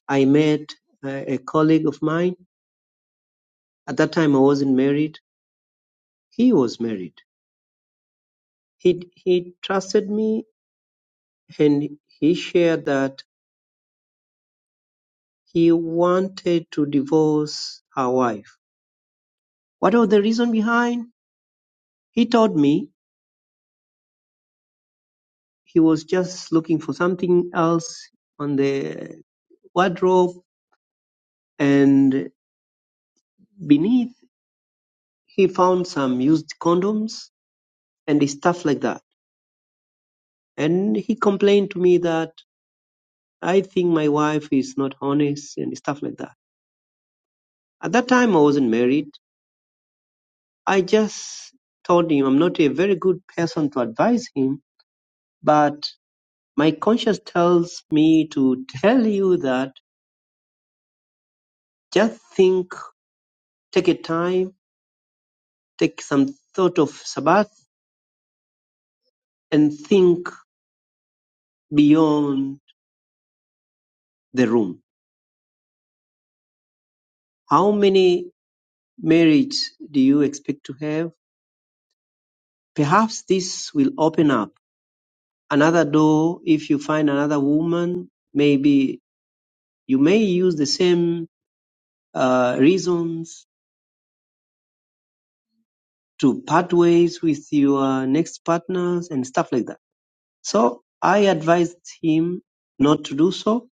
Speaker 13: I met uh, a colleague of mine. At that time, I wasn't married He was married, he he trusted me and he shared that he wanted to divorce her wife. What was the reason behind? He told me he was just looking for something else on the wardrobe and beneath he found some used condoms and stuff like that. And he complained to me that I think my wife is not honest and stuff like that. At that time I wasn't married I just told him I'm not a very good person to advise him, but my conscience tells me to tell you that just think, take a time, take some thought of Sabbath, and think beyond the room. How many marriages do you expect to have? Perhaps this will open up another door if you find another woman. Maybe you may use the same uh, reasons to part ways with your next partners and stuff like that. So I advised him not to do so.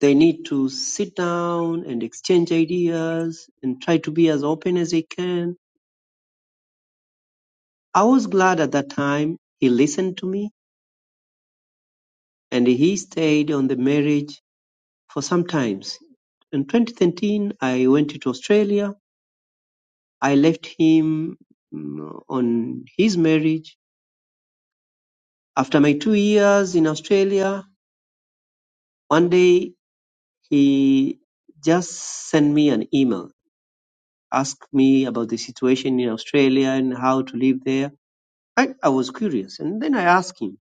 Speaker 13: They need to sit down and exchange ideas and try to be as open as they can. I was glad at that time he listened to me and he stayed on the marriage for some times. In 2013, I went to Australia. I left him mm, on his marriage. After my two years in Australia, one day he just sent me an email, asked me about the situation in Australia and how to live there. I, I was curious, and then I asked him,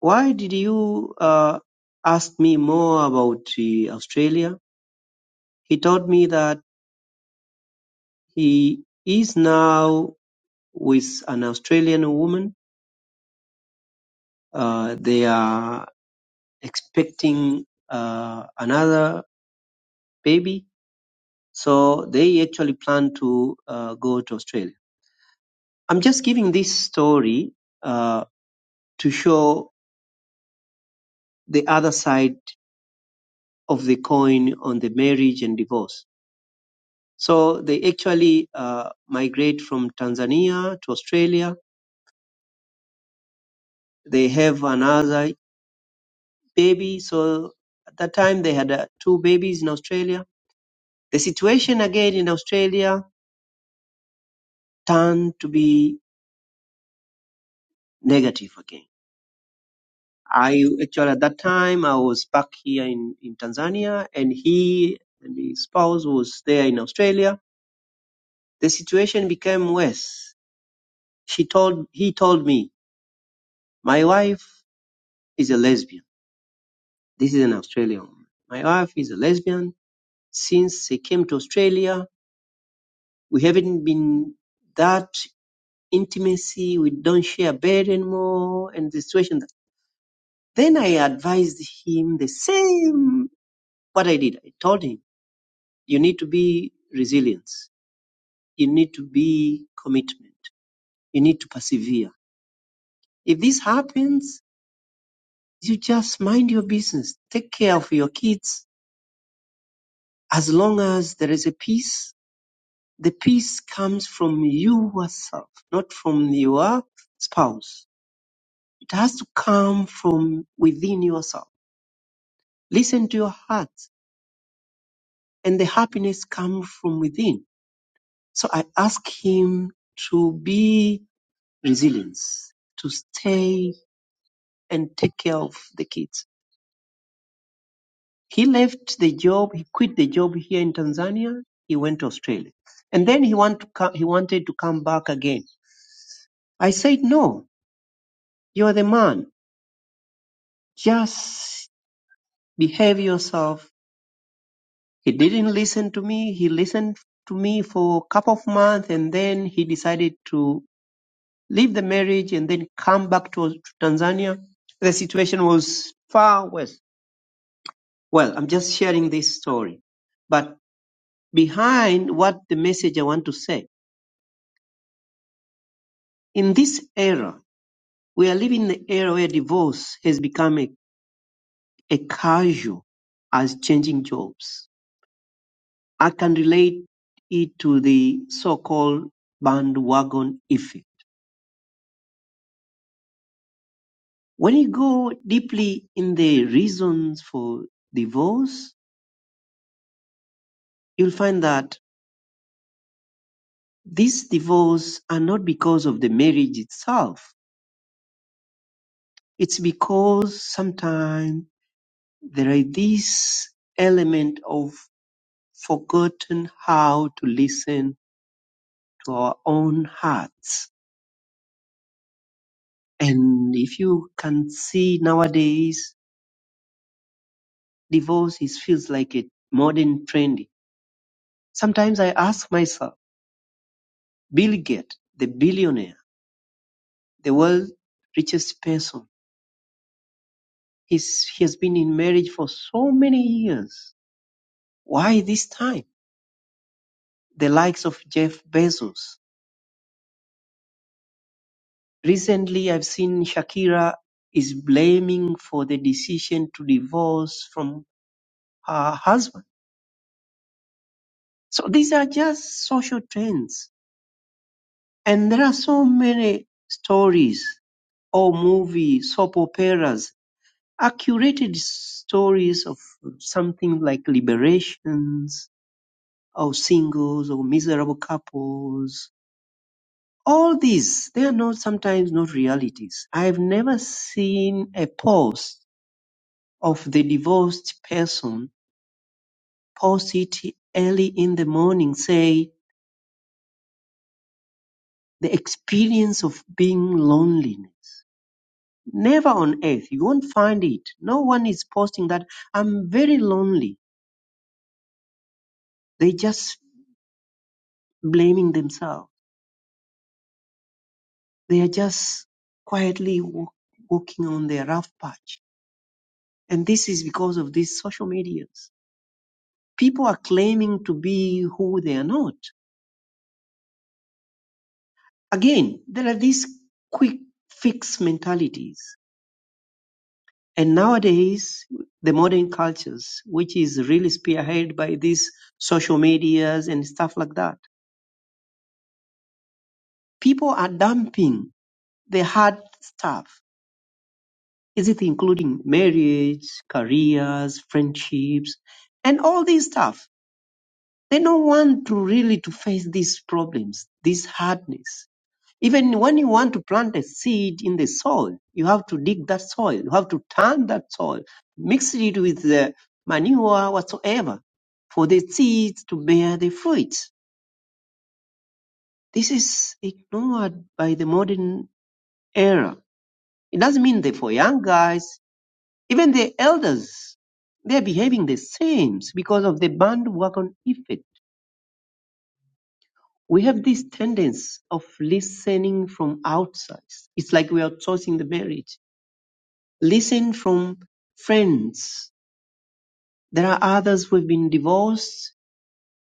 Speaker 13: "Why did you uh, ask me more about uh, Australia?" He told me that he is now with an Australian woman. Uh, they are expecting uh, another baby, so they actually plan to uh, go to Australia. I'm just giving this story uh, to show the other side of the coin on the marriage and divorce. So they actually uh, migrate from Tanzania to Australia. They have another baby. So at that time they had uh, two babies in Australia. The situation again in Australia turned to be negative again. I actually at that time I was back here in, in Tanzania and he and his spouse was there in Australia The situation became worse. She told he told me, My wife is a lesbian. This is an Australian woman. My wife is a lesbian. Since she came to Australia, we haven't been that intimacy. We don't share bed anymore and the situation then I advised him the same what I did. I told him, you need to be resilience. You need to be commitment. You need to persevere. If this happens, You just mind your business. Take care of your kids. As long as there is a peace, the peace comes from you yourself, not from your spouse. It has to come from within yourself. Listen to your heart and the happiness comes from within. So I ask him to be resilient, to stay and take care of the kids He left the job. He quit the job here in Tanzania. He went to Australia, and then he want to co- he wanted to come back again. I said, "No, you're the man. Just behave yourself." He didn't listen to me. He listened to me for a couple of months, and then he decided to leave the marriage and then come back to, to Tanzania. The situation was far worse. Well, I'm just sharing this story, but behind what the message I want to say In this era, we are living in an era where divorce has become a, a casual as changing jobs. I can relate it to the so-called bandwagon effect. When you go deeply in the reasons for divorce, you'll find that these divorces are not because of the marriage itself. It's because sometimes there is this element of forgotten how to listen to our own hearts. And if you can see nowadays, divorce is, feels like a modern trend. Sometimes I ask myself, Bill Gates, the billionaire, the world's richest person, he's, he has been in marriage for so many years. Why this time? The likes of Jeff Bezos. Recently, I've seen Shakira is blaming for the decision to divorce from her husband. So these are just social trends And there are so many stories or movie, soap operas, accurate stories of something like liberations or singles or miserable couples. All these, they are not sometimes not realities. I've never seen a post of the divorced person post it early in the morning, say the experience of being lonely Never on earth. You won't find it. No one is posting that I'm very lonely. They're just blaming themselves. They are just quietly walk, walking on their rough patch. And this is because of these social medias. People are claiming to be who they are not. Again, there are these quick fix mentalities. And nowadays, the modern cultures, which is really spearheaded by these social medias and stuff like that, people are dumping The hard stuff is it including marriage, careers, friendships, and all this stuff. They don't want to really to face these problems, this hardness. Even when you want to plant a seed in the soil, you have to dig that soil. You have to turn that soil, mix it with the manure whatsoever for the seeds to bear the fruit. This is ignored by the modern era. It doesn't mean that for young guys Even the elders, they're behaving the same because of the bandwagon effect. We have this tendency of listening from outside. It's like we are outsourcing the marriage. Listen from friends. There are others who've been divorced.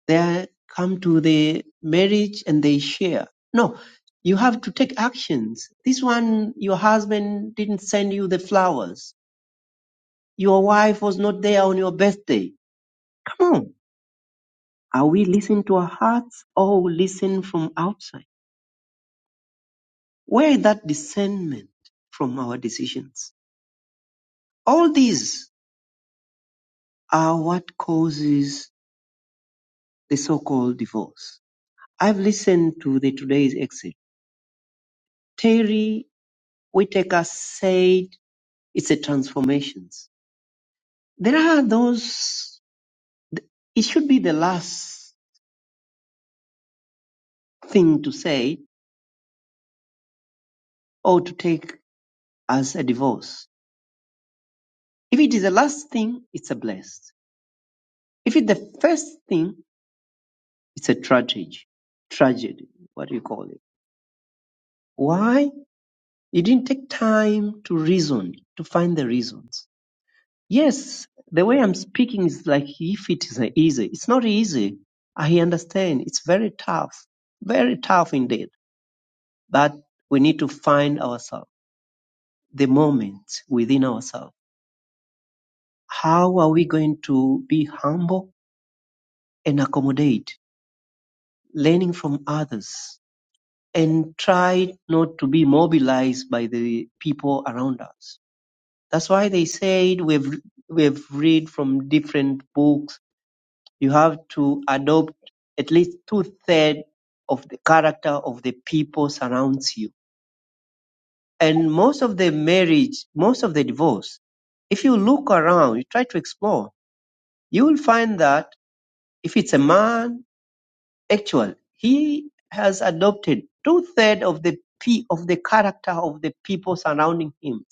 Speaker 13: They come to the marriage and they share. No, you have to take actions. This one, your husband didn't send you the flowers. Your wife was not there on your birthday. Come on Are we listening to our hearts or we listen from outside? Where is that discernment from our decisions? All these are what causes the so-called divorce. I've listened to the today's exit. Terry Whitaker said it's a transformation. There are those, it should be the last thing to say or to take as a divorce. If it is the last thing, it's a blessed. If it's the first thing, It's a tragedy. Tragedy, what do you call it? Why? It didn't take time to reason, to find the reasons. Yes, the way I'm speaking is like if it is easy. It's not easy. I understand. It's very tough. Very tough indeed. But we need to find ourselves, the moment within ourselves. How are we going to be humble and accommodate, learning from others? and try not to be mobilized by the people around us. That's why they said we've we've read from different books. You have to adopt at least two thirds of the character of the people surrounds you. And most of the marriage, most of the divorce, if you look around, you try to explore, you will find that if it's a man actual. He has adopted two thirds of the p of the character of the people surrounding him.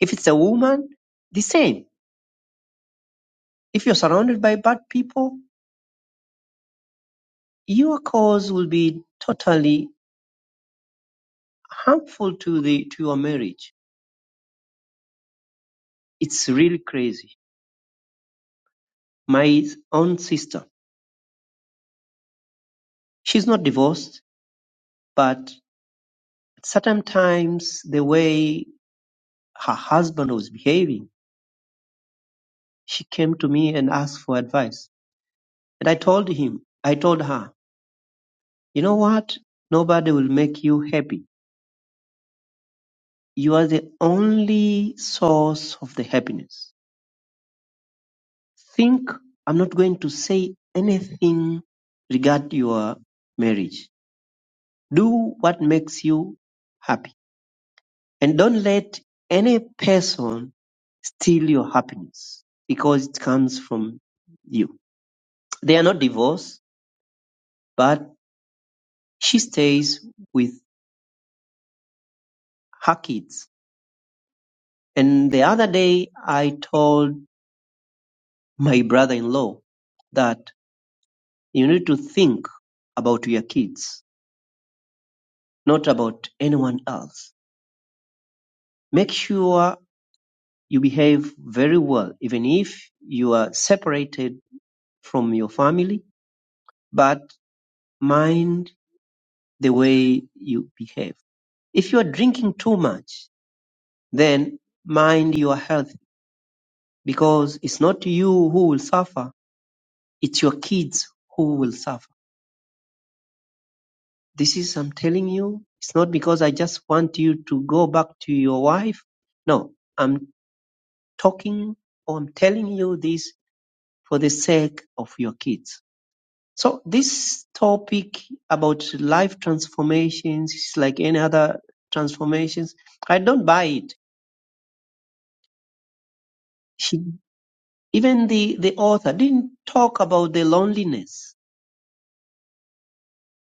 Speaker 13: If it's a woman, the same. If you're surrounded by bad people, your cause will be totally harmful to the to your marriage. It's really crazy. My own sister, she's not divorced, but at certain times the way her husband was behaving, she came to me and asked for advice. And I told him, I told her, You know what? Nobody will make you happy. You are the only source of the happiness. Think I'm not going to say anything regarding your marriage. Do what makes you happy. And don't let any person steal your happiness because it comes from you. They are not divorced, but she stays with her kids. And the other day I told my brother-in-law that you need to think about your kids, not about anyone else. Make sure you behave very well, even if you are separated from your family, but mind the way you behave. If you are drinking too much, then mind your health because it's not you who will suffer, it's your kids who will suffer. This is I'm telling you, it's not because I just want you to go back to your wife. No, I'm talking or I'm telling you this for the sake of your kids. So this topic about life transformations is like any other transformations. I don't buy it. She, even the, the author didn't talk about the loneliness.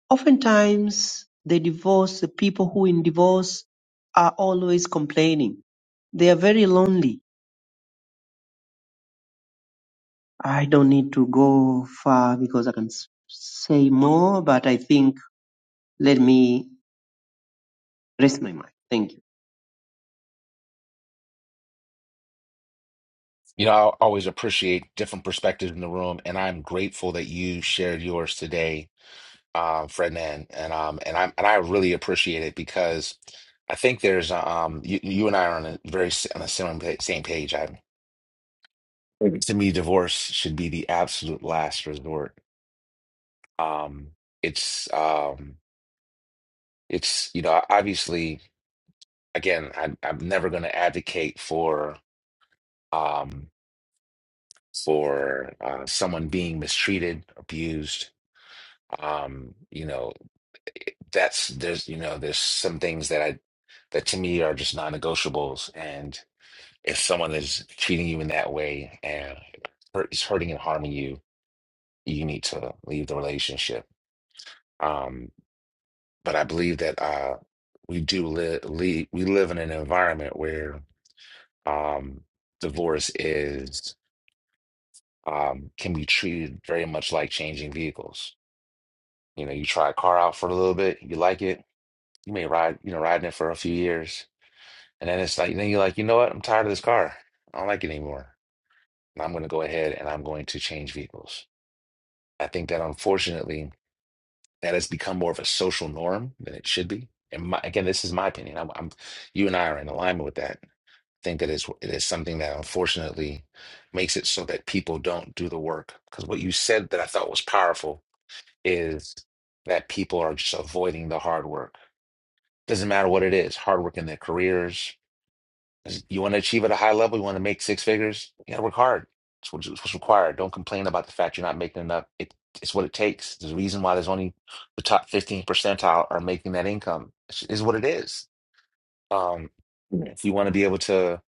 Speaker 13: Oftentimes the divorce, the people who in divorce are always complaining. They are very lonely I don't need to go far because I can s- say more, but I think let me rest my mind. Thank you.
Speaker 1: You know, I always appreciate different perspectives in the room, and I'm grateful that you shared yours today um, Fred Man, and um, and I and I really appreciate it because I think there's uh, um, you, you and I are on a very s- on the same pa- same page. I to me, divorce should be the absolute last resort. Um, it's um, it's you know obviously again I, I'm never going to advocate for um, for uh, someone being mistreated, abused. Um, you know. That's there's you know there's some things that I that to me are just non-negotiables, and if someone is treating you in that way and hurt, is hurting and harming you, you need to leave the relationship. Um, but I believe that uh, we do live we live in an environment where um, divorce is um, can be treated very much like changing vehicles. You know, you try a car out for a little bit, you like it, you may ride, you know, ride in it for a few years. And then it's like, then you're like, you know what? I'm tired of this car. I don't like it anymore. And I'm going to go ahead and I'm going to change vehicles. I think that unfortunately, that has become more of a social norm than it should be. And my, again, this is my opinion. I'm, I'm, you and I are in alignment with that. I think that is it is something that unfortunately makes it so that people don't do the work. Because what you said that I thought was powerful is that people are just avoiding the hard work. Doesn't matter what it is, hard work in their careers, You want to achieve at a high level, you want to make six figures, you got to work hard. It's what- it's what's required. Don't complain about the fact you're not making enough. It, it's what it takes. There's a reason why there's only the top 15 percentile are making that income. It's, it's what it is. Um, if you want to be able to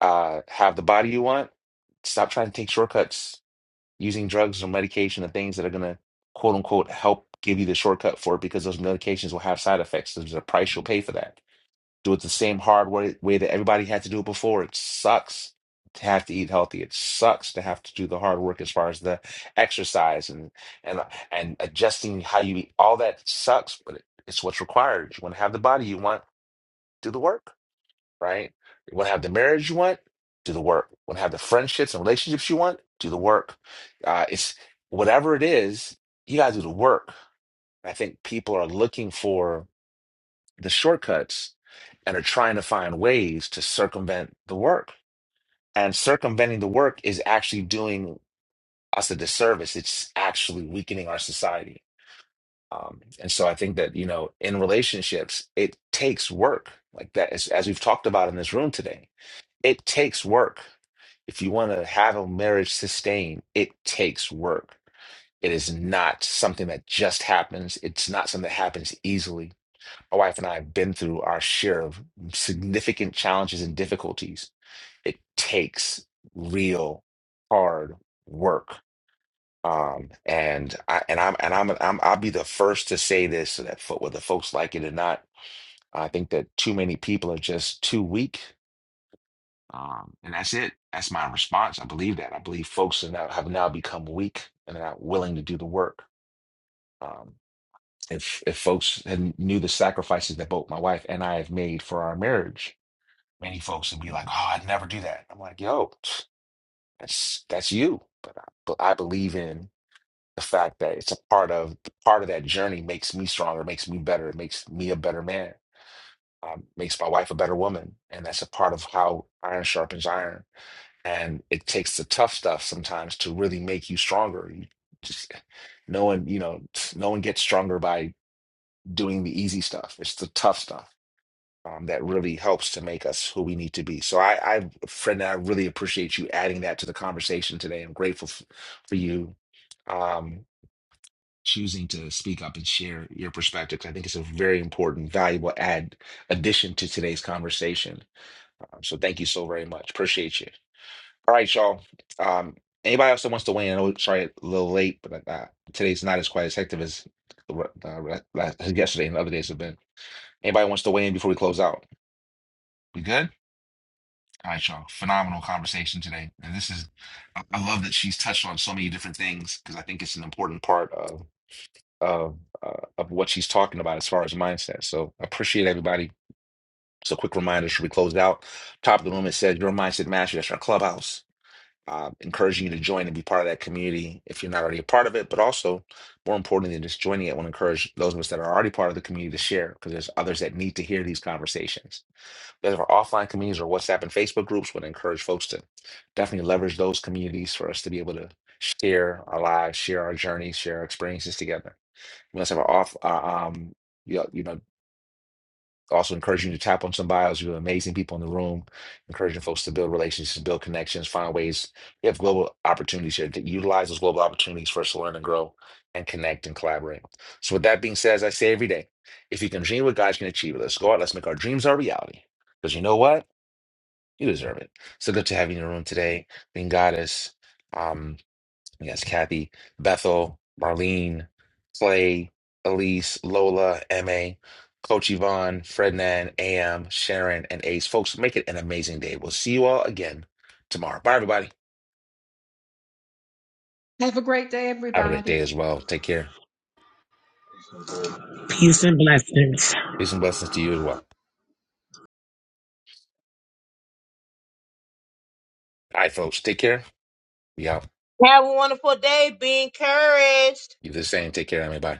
Speaker 1: uh, have the body you want, stop trying to take shortcuts using drugs or medication and things that are going to quote unquote help give you the shortcut for it because those medications will have side effects. There's a price you'll pay for that do it the same hard way, way that everybody had to do it before. It sucks to have to eat healthy. It sucks to have to do the hard work as far as the exercise and and and adjusting how you eat. All that sucks, but it, it's what's required. You want to have the body you want, do the work, right? You want to have the marriage you want, do the work. You want to have the friendships and relationships you want, do the work. Uh, it's whatever it is, you gotta do the work. I think people are looking for the shortcuts and are trying to find ways to circumvent the work. And circumventing the work is actually doing us a disservice. It's actually weakening our society. Um, and so I think that, you know, in relationships, it takes work. Like that, as, as we've talked about in this room today, it takes work. If you want to have a marriage sustain, it takes work. It is not something that just happens. It's not something that happens easily my wife and I have been through our share of significant challenges and difficulties. It takes real hard work. Um, and I and I'm and I'm, I'm I'll be the first to say this so that fo- whether folks like it or not, I think that too many people are just too weak. Um, and that's it. That's my response. I believe that. I believe folks are now have now become weak and are not willing to do the work. Um, if if folks had knew the sacrifices that both my wife and I have made for our marriage, Many folks would be like, "Oh, I'd never do that." I'm like, "Yo, that's that's you." But I, but I believe in the fact that it's a part of part of that journey makes me stronger, makes me better, it makes me a better man, um, makes my wife a better woman, and that's a part of how iron sharpens iron. And it takes the tough stuff sometimes to really make you stronger. You just no one, you know, no one gets stronger by doing the easy stuff. It's the tough stuff um, that really helps to make us who we need to be. So I, I, friend, I really appreciate you adding that to the conversation today. I'm grateful f- for you um, choosing to speak up and share your perspective. 'cause I think it's a very important, valuable add addition to today's conversation. Um, so thank you so very much. Appreciate you. All right, y'all. Um, anybody else that wants to weigh in? I know, sorry, a little late, but uh, today's not as quite as hectic as the re- uh, re- last- yesterday and other days have been. Anybody wants to weigh in before we close out? We good? All right, y'all. Phenomenal conversation today. And this is, I I love that she's touched on so many different things because I think it's an important part of of uh, of what she's talking about as far as mindset. So appreciate everybody. So quick reminder, should we close it out? Top of the room, it says your mindset mastery. That's our clubhouse. Uh, encouraging you to join and be part of that community if you're not already a part of it. But also, more importantly than just joining it, I want to encourage those of us that are already part of the community to share because there's others that need to hear these conversations there's our offline communities or WhatsApp and Facebook groups would encourage folks to definitely leverage those communities for us to be able to share our lives, share our journeys, share our experiences together. We also have our off, uh, um, you know, you know, also encouraging you to tap on some bios. You have amazing people in the room, encouraging folks to build relationships, build connections, find ways. We have global opportunities here to utilize those global opportunities for us to learn and grow and connect and collaborate. So, with that being said, as I say every day, if you can dream what God can achieve, let's go out, let's make our dreams our reality. Because you know what? You deserve it. So good to have you in the room today. Being Goddess, um, yes, Kathy, Bethel, Marlene, Clay, Elise, Lola, MA, Coach Yvonne, Frednan, AM, Sharon, and Ace. Folks, make it an amazing day. We'll see you all again tomorrow. Bye, everybody.
Speaker 7: Have a great day,
Speaker 1: Have a
Speaker 7: everybody.
Speaker 1: great day as well. Take care.
Speaker 12: peace and blessings
Speaker 1: Peace and blessings to you as well. All right, folks. Take care. Be out.
Speaker 4: Have a wonderful day. Be encouraged.
Speaker 1: You do the same. Take care, MA. Bye.